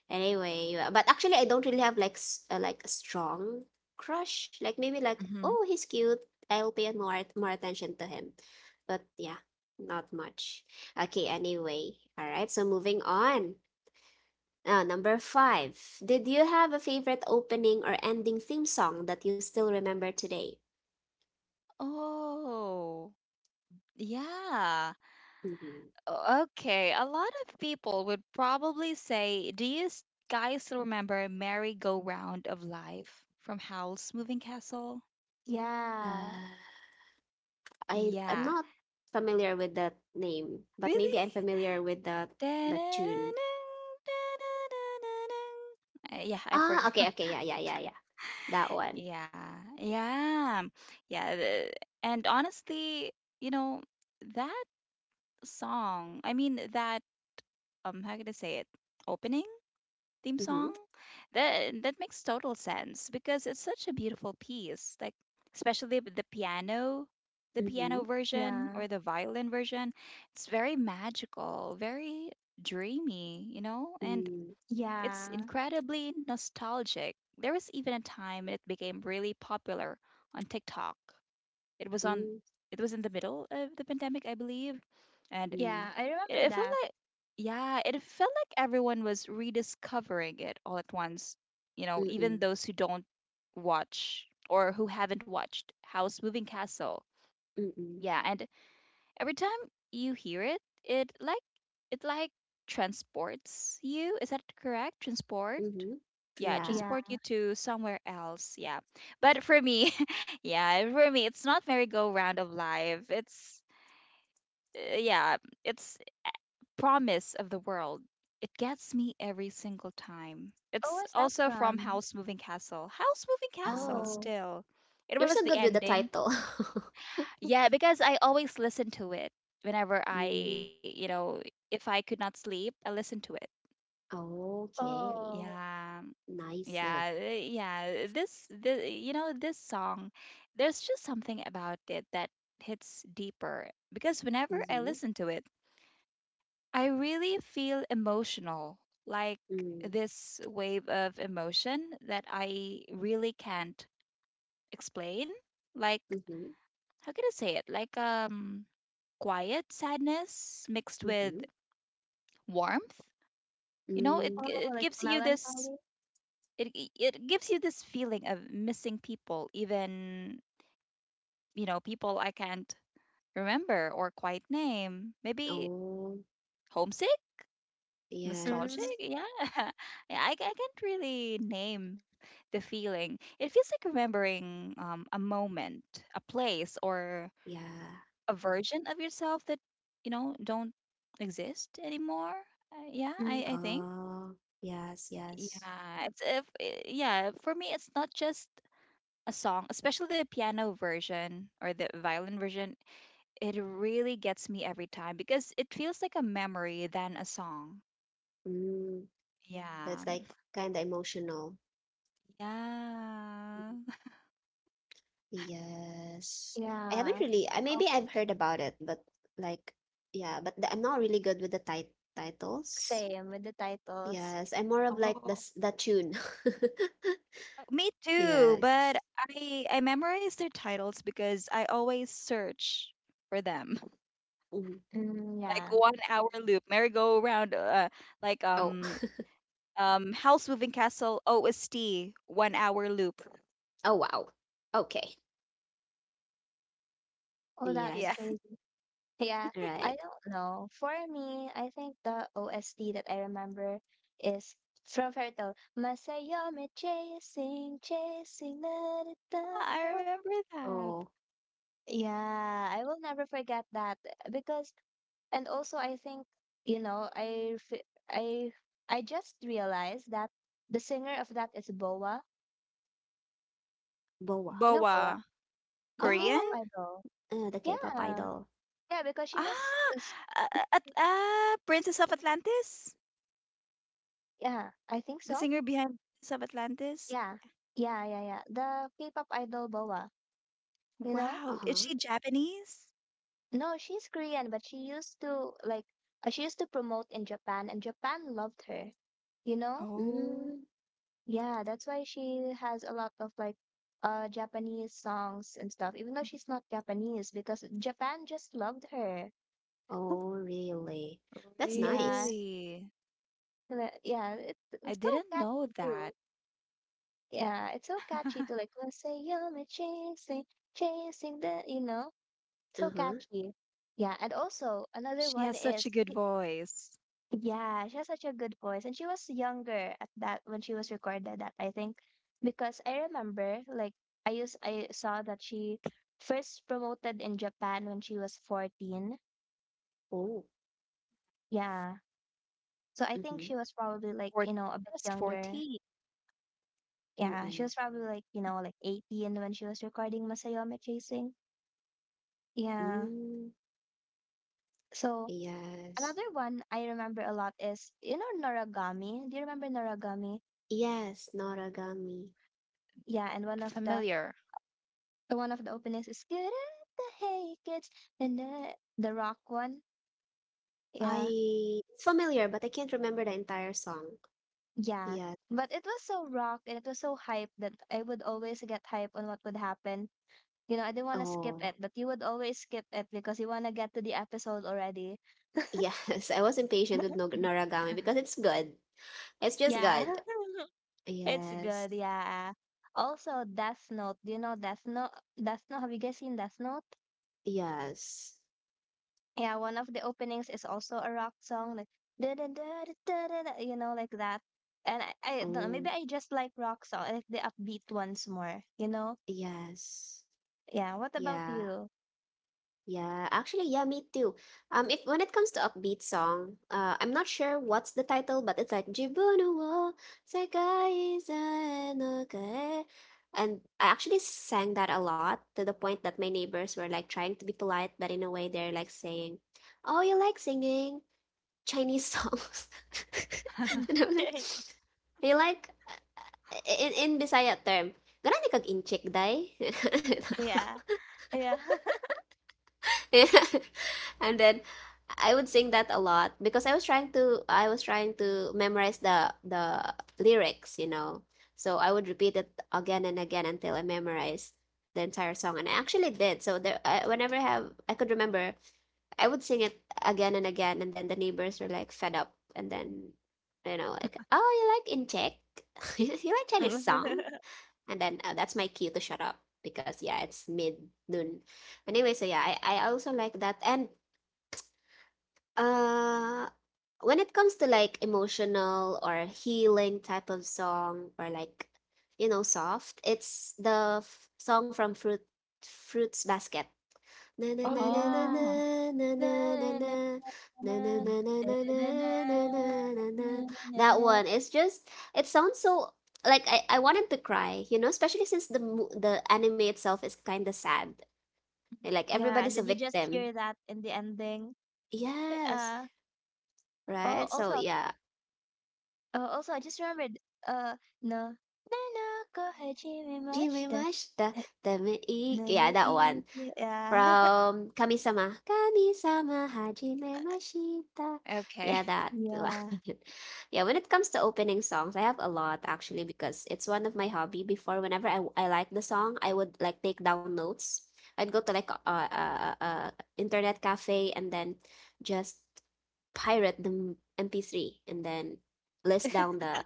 [SPEAKER 1] Anyway, yeah, but actually I don't really have like s- uh, like a strong crush. Like maybe like,
[SPEAKER 2] Hmm.
[SPEAKER 1] oh, he's cute. I'll pay more more attention to him. But yeah, not much. Okay, anyway. All right, so moving on. Uh, number five. Did you have a favorite opening or ending theme song that you still remember today?
[SPEAKER 2] Oh. Yeah.
[SPEAKER 1] Hmm.
[SPEAKER 2] O- Okay. A lot of people would probably say, "Do you s- guys still remember Merry Go Round of Life from Howl's Moving Castle?"
[SPEAKER 3] Yeah,
[SPEAKER 1] I I'm
[SPEAKER 2] Yeah.
[SPEAKER 1] not familiar with that name, but maybe
[SPEAKER 2] Really?
[SPEAKER 1] I'm familiar with that the tune.
[SPEAKER 2] Da-da-da-da-da-da-da-da-da. Uh, yeah, I
[SPEAKER 1] Ah, okay,
[SPEAKER 2] forgot.
[SPEAKER 1] okay, yeah, yeah, yeah, yeah, that one.
[SPEAKER 2] Yeah, yeah, yeah. the- And honestly, you know, that song, I mean, that, um, how can I say it? Opening theme song,
[SPEAKER 1] Mm-hmm.
[SPEAKER 2] that, that makes total sense because it's such a beautiful piece. Like, especially with the piano, the
[SPEAKER 1] Mm-hmm.
[SPEAKER 2] piano version
[SPEAKER 3] yeah,
[SPEAKER 2] or the violin version, it's very magical, very dreamy, you know? And It's
[SPEAKER 3] yeah,
[SPEAKER 2] incredibly nostalgic. There was even a time when it became really popular on TikTok. It was on
[SPEAKER 1] Mm-hmm.
[SPEAKER 2] it was in the middle of the pandemic, I believe, and
[SPEAKER 1] Mm-hmm.
[SPEAKER 3] yeah. I
[SPEAKER 2] it,
[SPEAKER 3] remember
[SPEAKER 2] it felt
[SPEAKER 3] that.
[SPEAKER 2] like, yeah, it felt like everyone was rediscovering it all at once. You know, even
[SPEAKER 1] Mm-hmm.
[SPEAKER 2] those who don't watch or who haven't watched House Moving Castle.
[SPEAKER 1] Mm-hmm.
[SPEAKER 2] Yeah, and Every time you hear it, it like it like transports you. Is that correct? Transport?
[SPEAKER 1] Mm-hmm.
[SPEAKER 2] Yeah,
[SPEAKER 1] Yeah.
[SPEAKER 3] Yeah.
[SPEAKER 2] transport you to somewhere else. Yeah. But for me, yeah, for me it's not merry-go-round of life. It's uh, yeah, it's a promise of the world. It gets me every single time.
[SPEAKER 3] Oh,
[SPEAKER 2] It's
[SPEAKER 3] what's that
[SPEAKER 2] also from
[SPEAKER 3] from?
[SPEAKER 2] House Moving Castle. House Moving Castle
[SPEAKER 3] Oh.
[SPEAKER 1] Um,
[SPEAKER 2] still. It
[SPEAKER 1] you're
[SPEAKER 2] was
[SPEAKER 1] so
[SPEAKER 2] the
[SPEAKER 1] good with the
[SPEAKER 2] ending.
[SPEAKER 1] title.
[SPEAKER 2] Yeah, because I always listen to it whenever I,
[SPEAKER 1] Mm.
[SPEAKER 2] you know, if I could not sleep, I listen to it.
[SPEAKER 1] Okay.
[SPEAKER 3] Oh.
[SPEAKER 2] Yeah,
[SPEAKER 1] Nice.
[SPEAKER 2] yeah, eh, yeah. This, the, you know, this song, there's just something about it that hits deeper because whenever I
[SPEAKER 1] Mm-hmm.
[SPEAKER 2] listen to it, I really feel emotional, like
[SPEAKER 1] Mm.
[SPEAKER 2] this wave of emotion that I really can't explain. Like,
[SPEAKER 1] Mm-hmm.
[SPEAKER 2] how can I say it? Like, um, quiet sadness mixed with
[SPEAKER 1] Mm-hmm.
[SPEAKER 2] warmth. You know, it
[SPEAKER 1] Mm.
[SPEAKER 3] Oh,
[SPEAKER 2] it
[SPEAKER 3] like
[SPEAKER 2] gives you this
[SPEAKER 3] melancholy.
[SPEAKER 2] it it it gives you this feeling of missing people, even you know people I can't remember or quite name. Maybe
[SPEAKER 1] Oh,
[SPEAKER 2] homesick, nostalgic.
[SPEAKER 3] Mm.
[SPEAKER 1] yes.
[SPEAKER 2] Yeah, yeah. I I can't really name the feeling. It feels like remembering um a moment, a place, or
[SPEAKER 1] Yeah.
[SPEAKER 2] a version of yourself that you know don't exist anymore. Uh, yeah,
[SPEAKER 3] Mm,
[SPEAKER 2] I I think.
[SPEAKER 1] Oh, yes, yes.
[SPEAKER 2] Yeah, it's if eh, yeah, for me it's not just a song, especially the piano version or the violin version. It really gets me every time because it feels like a memory than a song.
[SPEAKER 1] Mm, that's
[SPEAKER 2] Yeah.
[SPEAKER 1] like kind of emotional. Mm,
[SPEAKER 2] Yeah.
[SPEAKER 1] yes. I
[SPEAKER 3] yeah.
[SPEAKER 1] haven't really, I
[SPEAKER 3] Oh,
[SPEAKER 1] maybe I've heard about it, but like, yeah, but the, I'm not really good with the tit titles.
[SPEAKER 3] same with the titles.
[SPEAKER 1] Yes, I'm more of like the
[SPEAKER 2] Oh.
[SPEAKER 1] s- the tune.
[SPEAKER 2] Me too,
[SPEAKER 1] Yes.
[SPEAKER 2] but I I memorize their titles because I always search for them.
[SPEAKER 1] Mm.
[SPEAKER 3] Mm,
[SPEAKER 2] Like
[SPEAKER 3] yeah.
[SPEAKER 2] one hour loop, merry-go-round, uh, like
[SPEAKER 1] Oh,
[SPEAKER 2] um um house moving castle O S T, one hour loop.
[SPEAKER 1] oh wow. Okay.
[SPEAKER 3] Oh, that's
[SPEAKER 2] Yeah.
[SPEAKER 1] Yes.
[SPEAKER 3] crazy. Yeah.
[SPEAKER 1] Right.
[SPEAKER 3] I don't know. For me, I think the O S T that I remember is from Fairy Tale. Masayomi chasing, chasing, da, da,
[SPEAKER 2] Ah,
[SPEAKER 3] da,
[SPEAKER 2] I
[SPEAKER 3] da.
[SPEAKER 2] remember that.
[SPEAKER 1] Oh,
[SPEAKER 3] Yeah, I will never forget that, uh, because, and also I think, you know, I f- I I just realized that the singer of that is Boa.
[SPEAKER 1] Boa.
[SPEAKER 3] You know Boa,
[SPEAKER 2] Boa,
[SPEAKER 3] the
[SPEAKER 2] Korean?
[SPEAKER 3] K-pop
[SPEAKER 1] Oh,
[SPEAKER 3] idol.
[SPEAKER 1] uh, the K-pop
[SPEAKER 3] Yeah,
[SPEAKER 1] idol.
[SPEAKER 3] yeah, because she was,
[SPEAKER 2] Ah,
[SPEAKER 3] uh,
[SPEAKER 2] uh, at, uh, Princess of Atlantis?
[SPEAKER 3] yeah, I think
[SPEAKER 2] The
[SPEAKER 3] so.
[SPEAKER 2] singer behind Princess of Atlantis?
[SPEAKER 3] Yeah, yeah, yeah, yeah. The K-pop idol Boa. You know,
[SPEAKER 2] Wow, is
[SPEAKER 1] Uh-huh.
[SPEAKER 2] she Japanese?
[SPEAKER 3] no, she's Korean, but she used to like, uh, she used to promote in Japan, and Japan loved her. You know,
[SPEAKER 2] Oh,
[SPEAKER 1] Mm.
[SPEAKER 3] yeah, that's why she has a lot of like uh Japanese songs and stuff, even though she's not Japanese because Japan just loved her.
[SPEAKER 1] Oh, really? That's
[SPEAKER 3] Yeah.
[SPEAKER 1] nice.
[SPEAKER 2] really?
[SPEAKER 3] le- Yeah,
[SPEAKER 2] I
[SPEAKER 3] it,
[SPEAKER 2] didn't
[SPEAKER 3] it's so
[SPEAKER 2] know that.
[SPEAKER 3] catchy too. Yeah, it's so catchy too. Like, let's say, you're me chasing, chasing the, you know, so
[SPEAKER 1] Uh-huh.
[SPEAKER 3] catchy. Yeah, and also
[SPEAKER 2] She has
[SPEAKER 3] another
[SPEAKER 2] such a
[SPEAKER 3] one
[SPEAKER 2] good
[SPEAKER 3] is.
[SPEAKER 2] voice.
[SPEAKER 3] Yeah, she has such a good voice. And she was younger at that when she was recorded that, I think. Because I remember like I used I saw that she first promoted in Japan when she was fourteen.
[SPEAKER 1] Oh.
[SPEAKER 3] Yeah. So I
[SPEAKER 2] Or
[SPEAKER 3] think
[SPEAKER 1] Mhm.
[SPEAKER 3] she was
[SPEAKER 2] just
[SPEAKER 3] probably like, you know, a
[SPEAKER 2] fourteen.
[SPEAKER 3] bit younger. Yeah, she
[SPEAKER 1] Mm-mm.
[SPEAKER 3] was probably like, you know, like eighteen when she was recording Masayome Chasing. Yeah.
[SPEAKER 1] Mm,
[SPEAKER 3] So
[SPEAKER 1] yes.
[SPEAKER 3] another one I remember a lot is, you know, Noragami. Do you remember Noragami?
[SPEAKER 1] Yes, Noragami.
[SPEAKER 3] Yeah, and one of
[SPEAKER 2] Familiar.
[SPEAKER 3] the. The one of the openings is good at the hey kids and the, the rock one. Yeah.
[SPEAKER 1] I it's familiar, but I can't remember the entire song.
[SPEAKER 3] Yeah.
[SPEAKER 1] Yeah.
[SPEAKER 3] But it was so rock and it was so hype that I would always get hype on what would happen. You know, I didn't want to skip
[SPEAKER 1] Oh,
[SPEAKER 3] it, but you would always skip it because you want to get to the episode already.
[SPEAKER 1] yes. I was impatient with Nog- Noragami because it's good. It's just
[SPEAKER 3] Yeah.
[SPEAKER 1] good.
[SPEAKER 3] It's
[SPEAKER 1] Yes.
[SPEAKER 3] good, yeah. Also, Death Note. Do you know Death Note? Death Note, have you guys seen Death Note?
[SPEAKER 1] Yes.
[SPEAKER 3] Yeah, one of the openings is also a rock song, like da da da da da da, da, you know, like that. And I, I don't know,
[SPEAKER 1] Oh,
[SPEAKER 3] maybe I just like rock song, I like the upbeat ones more, you know?
[SPEAKER 1] yes.
[SPEAKER 3] Yeah, what about
[SPEAKER 1] Yeah.
[SPEAKER 3] you?
[SPEAKER 1] Yeah, actually, yeah, me too. Um, if When it comes to upbeat song, uh, I'm not sure what's the title, but it's like "Jibunu wo sekai izanoke," and I actually sang that a lot to the point that my neighbors were like trying to be polite, but in a way they're like saying, "Oh, you like singing Chinese songs?" And I'm like, "You like uh, in in Bisaya term, ganani kag inchik day?"
[SPEAKER 3] Yeah, yeah.
[SPEAKER 1] And then I would sing that a lot because I was trying to I was trying to memorize the the lyrics, you know. So I would repeat it again and again until I memorized the entire song, and I actually did. So there, I, whenever I have I could remember, I would sing it again and again, and then the neighbors were like fed up, and then you know like, oh, you like in Czech, you like Chinese song, and then uh, that's my cue to shut up because yeah it's mid noon anyway. So yeah I, I also like that. And uh when it comes to like emotional or healing type of song, or like you know soft, it's the f- song from fruit fruits basket. Na na
[SPEAKER 3] Oh
[SPEAKER 1] na na na
[SPEAKER 3] yeah.
[SPEAKER 1] na
[SPEAKER 2] Oh,
[SPEAKER 1] na
[SPEAKER 3] Na,
[SPEAKER 1] na na na
[SPEAKER 3] na,
[SPEAKER 1] na
[SPEAKER 3] na,
[SPEAKER 1] na
[SPEAKER 2] mhm.
[SPEAKER 3] na,
[SPEAKER 1] na na
[SPEAKER 3] na, na,
[SPEAKER 1] na
[SPEAKER 3] na,
[SPEAKER 1] na na.
[SPEAKER 3] na, na,
[SPEAKER 1] That
[SPEAKER 3] na.
[SPEAKER 1] one, it's just it sounds so like I, I wanted to cry, you know, especially since the mo- the anime itself is kind of sad. Like
[SPEAKER 3] Yeah, and
[SPEAKER 1] everybody's a
[SPEAKER 3] then you just
[SPEAKER 1] victim.
[SPEAKER 3] hear that in the ending.
[SPEAKER 1] Yes,
[SPEAKER 3] Uh oh,
[SPEAKER 1] right? So
[SPEAKER 3] also.
[SPEAKER 1] yeah.
[SPEAKER 3] Uh, also, I just remembered. Uh, no. Nanako
[SPEAKER 1] Jimmy
[SPEAKER 3] hajimemashita.
[SPEAKER 1] Mash, da,
[SPEAKER 3] Eh,
[SPEAKER 1] da, me, yeah, that one.
[SPEAKER 3] nandai- Yeah.
[SPEAKER 1] From Kami-sama, "Kami-sama hajimemashita."
[SPEAKER 2] Okay.
[SPEAKER 1] Yeah, that.
[SPEAKER 3] Yeah.
[SPEAKER 1] Yeah, when it comes to opening songs, I have a lot actually because it's one of my hobby. Before, whenever I, I like the song, I would like take down notes. I'd go to like a, a, a, a internet cafe and then just pirate the m- MP3 and then list down the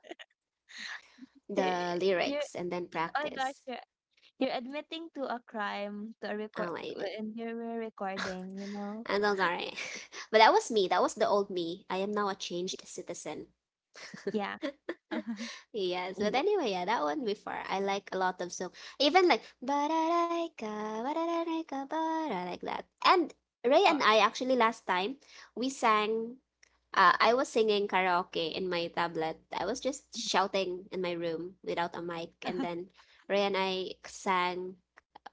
[SPEAKER 1] the
[SPEAKER 3] You're,
[SPEAKER 1] lyrics and then
[SPEAKER 3] oh my gosh,
[SPEAKER 1] practice.
[SPEAKER 3] you're, you're admitting to a crime, to a
[SPEAKER 1] Oh
[SPEAKER 3] record,
[SPEAKER 1] my.
[SPEAKER 3] and you're, we're recording, you know?
[SPEAKER 1] I'm so sorry. But that was me. That was the old me. I am now a changed citizen.
[SPEAKER 3] Yeah.
[SPEAKER 1] Yes, but
[SPEAKER 3] Mm.
[SPEAKER 1] anyway, yeah, that one before. I like a lot of song. Even like Bararaika, Bararaika, Bara, like that. And Ray
[SPEAKER 3] Oh,
[SPEAKER 1] and I actually last time we sang, uh, I was singing karaoke in my tablet. I was just shouting in my room without a mic, and then Ray and I sang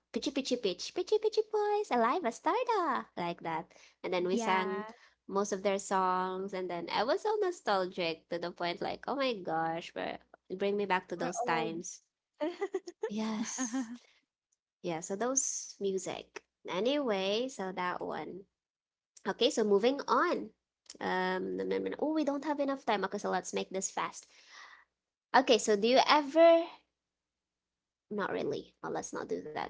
[SPEAKER 1] Pitchy pitchy Pitch, pitchy pitchy Boys, Alive Astarda, like that. And then we
[SPEAKER 3] yeah.
[SPEAKER 1] sang most of their songs, and then I was so nostalgic to the point like, oh my gosh, but bring me back to
[SPEAKER 3] We're
[SPEAKER 1] those
[SPEAKER 3] old.
[SPEAKER 1] times. Yes, yeah. So those music. Anyway, so that one. Okay, so moving on. Um, nom, oh, we don't have enough time. Okay, so let's make this fast. Okay, so do you ever? Not really. Well, let's not do that.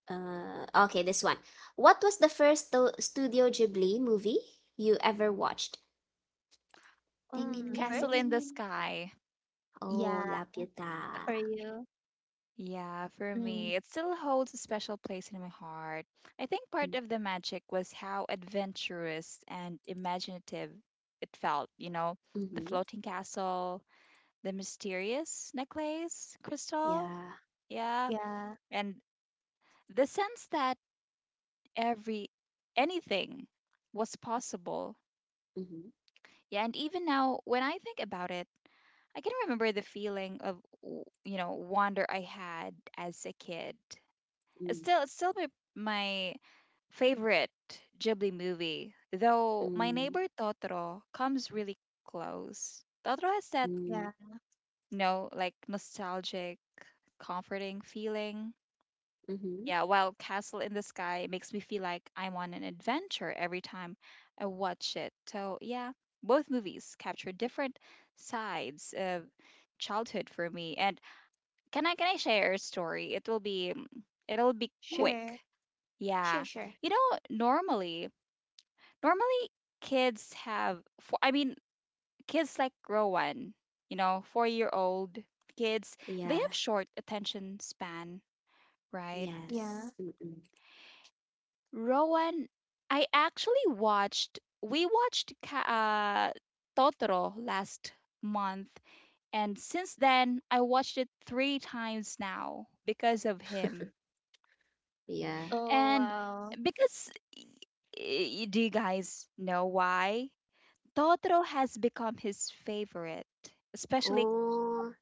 [SPEAKER 1] Uh, okay, this one. What was the first to- Studio Ghibli movie you ever watched? Ding, ding,
[SPEAKER 3] Mm,
[SPEAKER 1] ding, ding,
[SPEAKER 2] Castle
[SPEAKER 3] first?
[SPEAKER 2] in
[SPEAKER 1] ding,
[SPEAKER 2] the
[SPEAKER 1] ding.
[SPEAKER 2] Sky.
[SPEAKER 1] Oh,
[SPEAKER 3] Yeah.
[SPEAKER 1] Laputa.
[SPEAKER 3] For you?
[SPEAKER 2] Yeah, for
[SPEAKER 3] Mm,
[SPEAKER 2] me, it still holds a special place in my heart. I think part of the magic was how adventurous and imaginative it felt, you know, the
[SPEAKER 1] Mm-hmm.
[SPEAKER 2] floating castle, the mysterious necklace, crystal,
[SPEAKER 1] Yeah.
[SPEAKER 2] yeah,
[SPEAKER 3] yeah.
[SPEAKER 2] and the sense that every anything was possible.
[SPEAKER 1] Mm-hmm.
[SPEAKER 2] Yeah, and even now when I think about it, I can remember the feeling of, w- you know, wonder I had as a kid. It's still it's still my my favorite Ghibli movie, though My
[SPEAKER 1] Mm-hmm.
[SPEAKER 2] Neighbor Totoro comes really close. Totoro has that,
[SPEAKER 3] Yeah.
[SPEAKER 2] no, like nostalgic, comforting feeling.
[SPEAKER 1] Mm-hmm.
[SPEAKER 2] Yeah, while Castle in the Sky makes me feel like I'm on an adventure every time I watch it. So, yeah, both movies capture different sides of childhood for me. And can I can I share a story? It will be it'll be
[SPEAKER 1] Yes.
[SPEAKER 2] quick.
[SPEAKER 3] Sure.
[SPEAKER 1] Sure,
[SPEAKER 2] Yeah.
[SPEAKER 1] sure.
[SPEAKER 2] You know, normally normally kids have four, I mean kids like Rowan, you know four year old kids, they
[SPEAKER 1] Yeah.
[SPEAKER 2] have short attention span, right?
[SPEAKER 1] Yes.
[SPEAKER 3] Yeah.
[SPEAKER 1] Mm-mm.
[SPEAKER 2] Rowan, I actually watched we watched Ka- uh, Totoro last month, and since then I watched it three times now because of him.
[SPEAKER 1] Yeah.
[SPEAKER 3] Oh,
[SPEAKER 2] And
[SPEAKER 3] wow.
[SPEAKER 2] because y- y- do you guys know why Totoro has become his favorite, especially
[SPEAKER 1] Oh.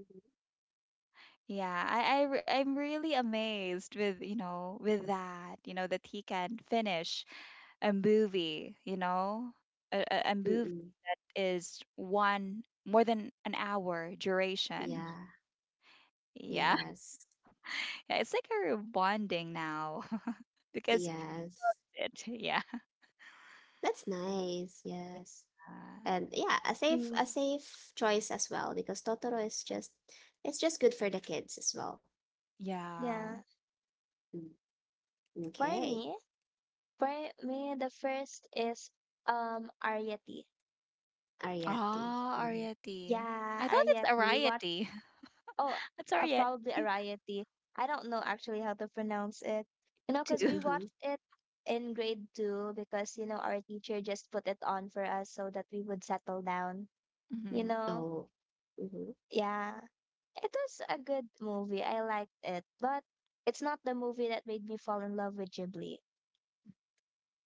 [SPEAKER 1] Mm-hmm.
[SPEAKER 2] yeah, I, I re- I'm really amazed with, you know, with that, you know, that he can finish a movie, you know. A, a, a movie
[SPEAKER 1] Mm-mm.
[SPEAKER 2] is one more than an hour duration.
[SPEAKER 1] Yeah.
[SPEAKER 2] Yeah.
[SPEAKER 1] Yes.
[SPEAKER 2] Yeah, it's like a bonding now because
[SPEAKER 1] Yes.
[SPEAKER 2] it, yeah.
[SPEAKER 1] That's nice. Yes.
[SPEAKER 2] Uh,
[SPEAKER 1] And yeah, a safe a
[SPEAKER 3] Mm,
[SPEAKER 1] safe choice as well, because Totoro is just, it's just good for the kids as well.
[SPEAKER 3] yeah.
[SPEAKER 2] Yeah.
[SPEAKER 1] Mm,
[SPEAKER 3] For
[SPEAKER 1] okay.
[SPEAKER 3] me? For me, the first is um Ariety.
[SPEAKER 1] Ariati.
[SPEAKER 2] Ah, Ariety.
[SPEAKER 3] Yeah,
[SPEAKER 2] I thought it's
[SPEAKER 3] Ariety. We watch
[SPEAKER 2] Ariety.
[SPEAKER 3] oh
[SPEAKER 2] It's
[SPEAKER 3] uh, probably
[SPEAKER 2] Ariety
[SPEAKER 3] Ariety. I don't know actually how to pronounce it. You know, because
[SPEAKER 2] too.
[SPEAKER 3] we
[SPEAKER 1] Mm-hmm.
[SPEAKER 3] watched it in grade two because you know our teacher just put it on for us so that we would settle down. You
[SPEAKER 2] Mhm.
[SPEAKER 3] know,
[SPEAKER 1] So, mm-hmm.
[SPEAKER 3] yeah, it was a good movie. I liked it, but it's not the movie that made me fall in love with Ghibli.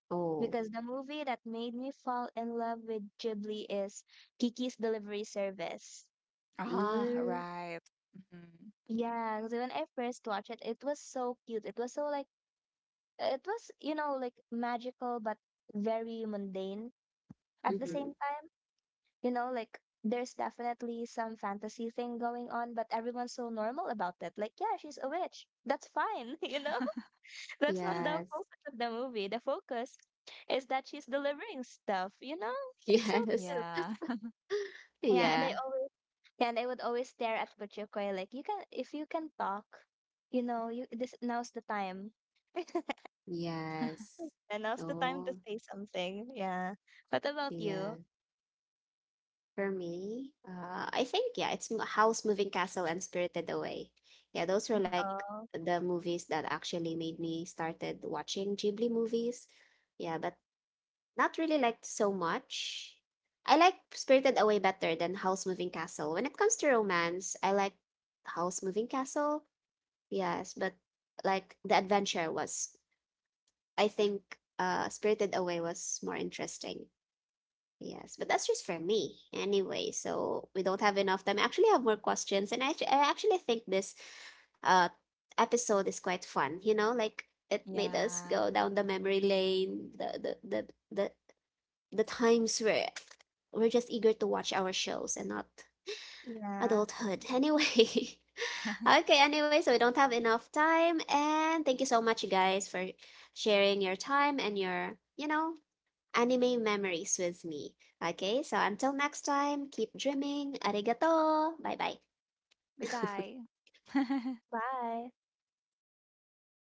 [SPEAKER 1] Oh, mm-hmm. Oh.
[SPEAKER 3] Because the movie that made me fall in love with Ghibli is Kiki's Delivery Service.
[SPEAKER 2] Ah,
[SPEAKER 1] Mm.
[SPEAKER 2] right. Mhm.
[SPEAKER 3] Yeah, so when I first watched it, it was so cute. It was so like it was, you know, like magical but very mundane at the
[SPEAKER 2] Mhm.
[SPEAKER 1] Mm-hmm.
[SPEAKER 3] same time. You know, like there's definitely some fantasy thing going on, but everyone's so normal about it. Like, yeah, she's a witch. That's fine, you know? That's not the
[SPEAKER 1] Yes.
[SPEAKER 3] focus of the movie. The focus is that she's delivering stuff, you know? It's so
[SPEAKER 1] Yes.
[SPEAKER 3] cute.
[SPEAKER 2] Yeah.
[SPEAKER 3] Yeah, and they
[SPEAKER 1] Yeah.
[SPEAKER 3] always yeah, and they would always stare at Butchukoy like, you can, if you can talk, you know, you, this, now's the time.
[SPEAKER 1] Yes.
[SPEAKER 3] And now's the time to
[SPEAKER 1] Oh,
[SPEAKER 3] say something. Yeah. What about you?
[SPEAKER 1] yeah. For me, uh, I think yeah, it's M- House, Moving Castle, and Spirited Away. Yeah, those were
[SPEAKER 2] Mhm.
[SPEAKER 1] like
[SPEAKER 3] Oh,
[SPEAKER 1] the movies that actually made me started watching Ghibli movies. Yeah, but not really liked so much. I like Spirited Away better than House, Moving Castle. When it comes to romance, I like House, Moving Castle. Yes, but like the adventure was, I think, uh, Spirited Away was more interesting. Yes, but that's just for me anyway. So we don't have enough time. I actually have more questions, and I, actu- I actually think this uh episode is quite fun. You know, like it made us
[SPEAKER 2] Yeah.
[SPEAKER 1] go down the memory lane. The the the the, the times where we're just eager to watch our shows and not
[SPEAKER 3] yeah.
[SPEAKER 1] adulthood. Anyway. Okay, anyway, so we don't have enough time, and thank you so much you guys for sharing your time and your, you know, anime memories with me. Okay, so until next time, keep dreaming. Arigato. Bye bye.
[SPEAKER 2] Bye-bye.
[SPEAKER 3] Bye.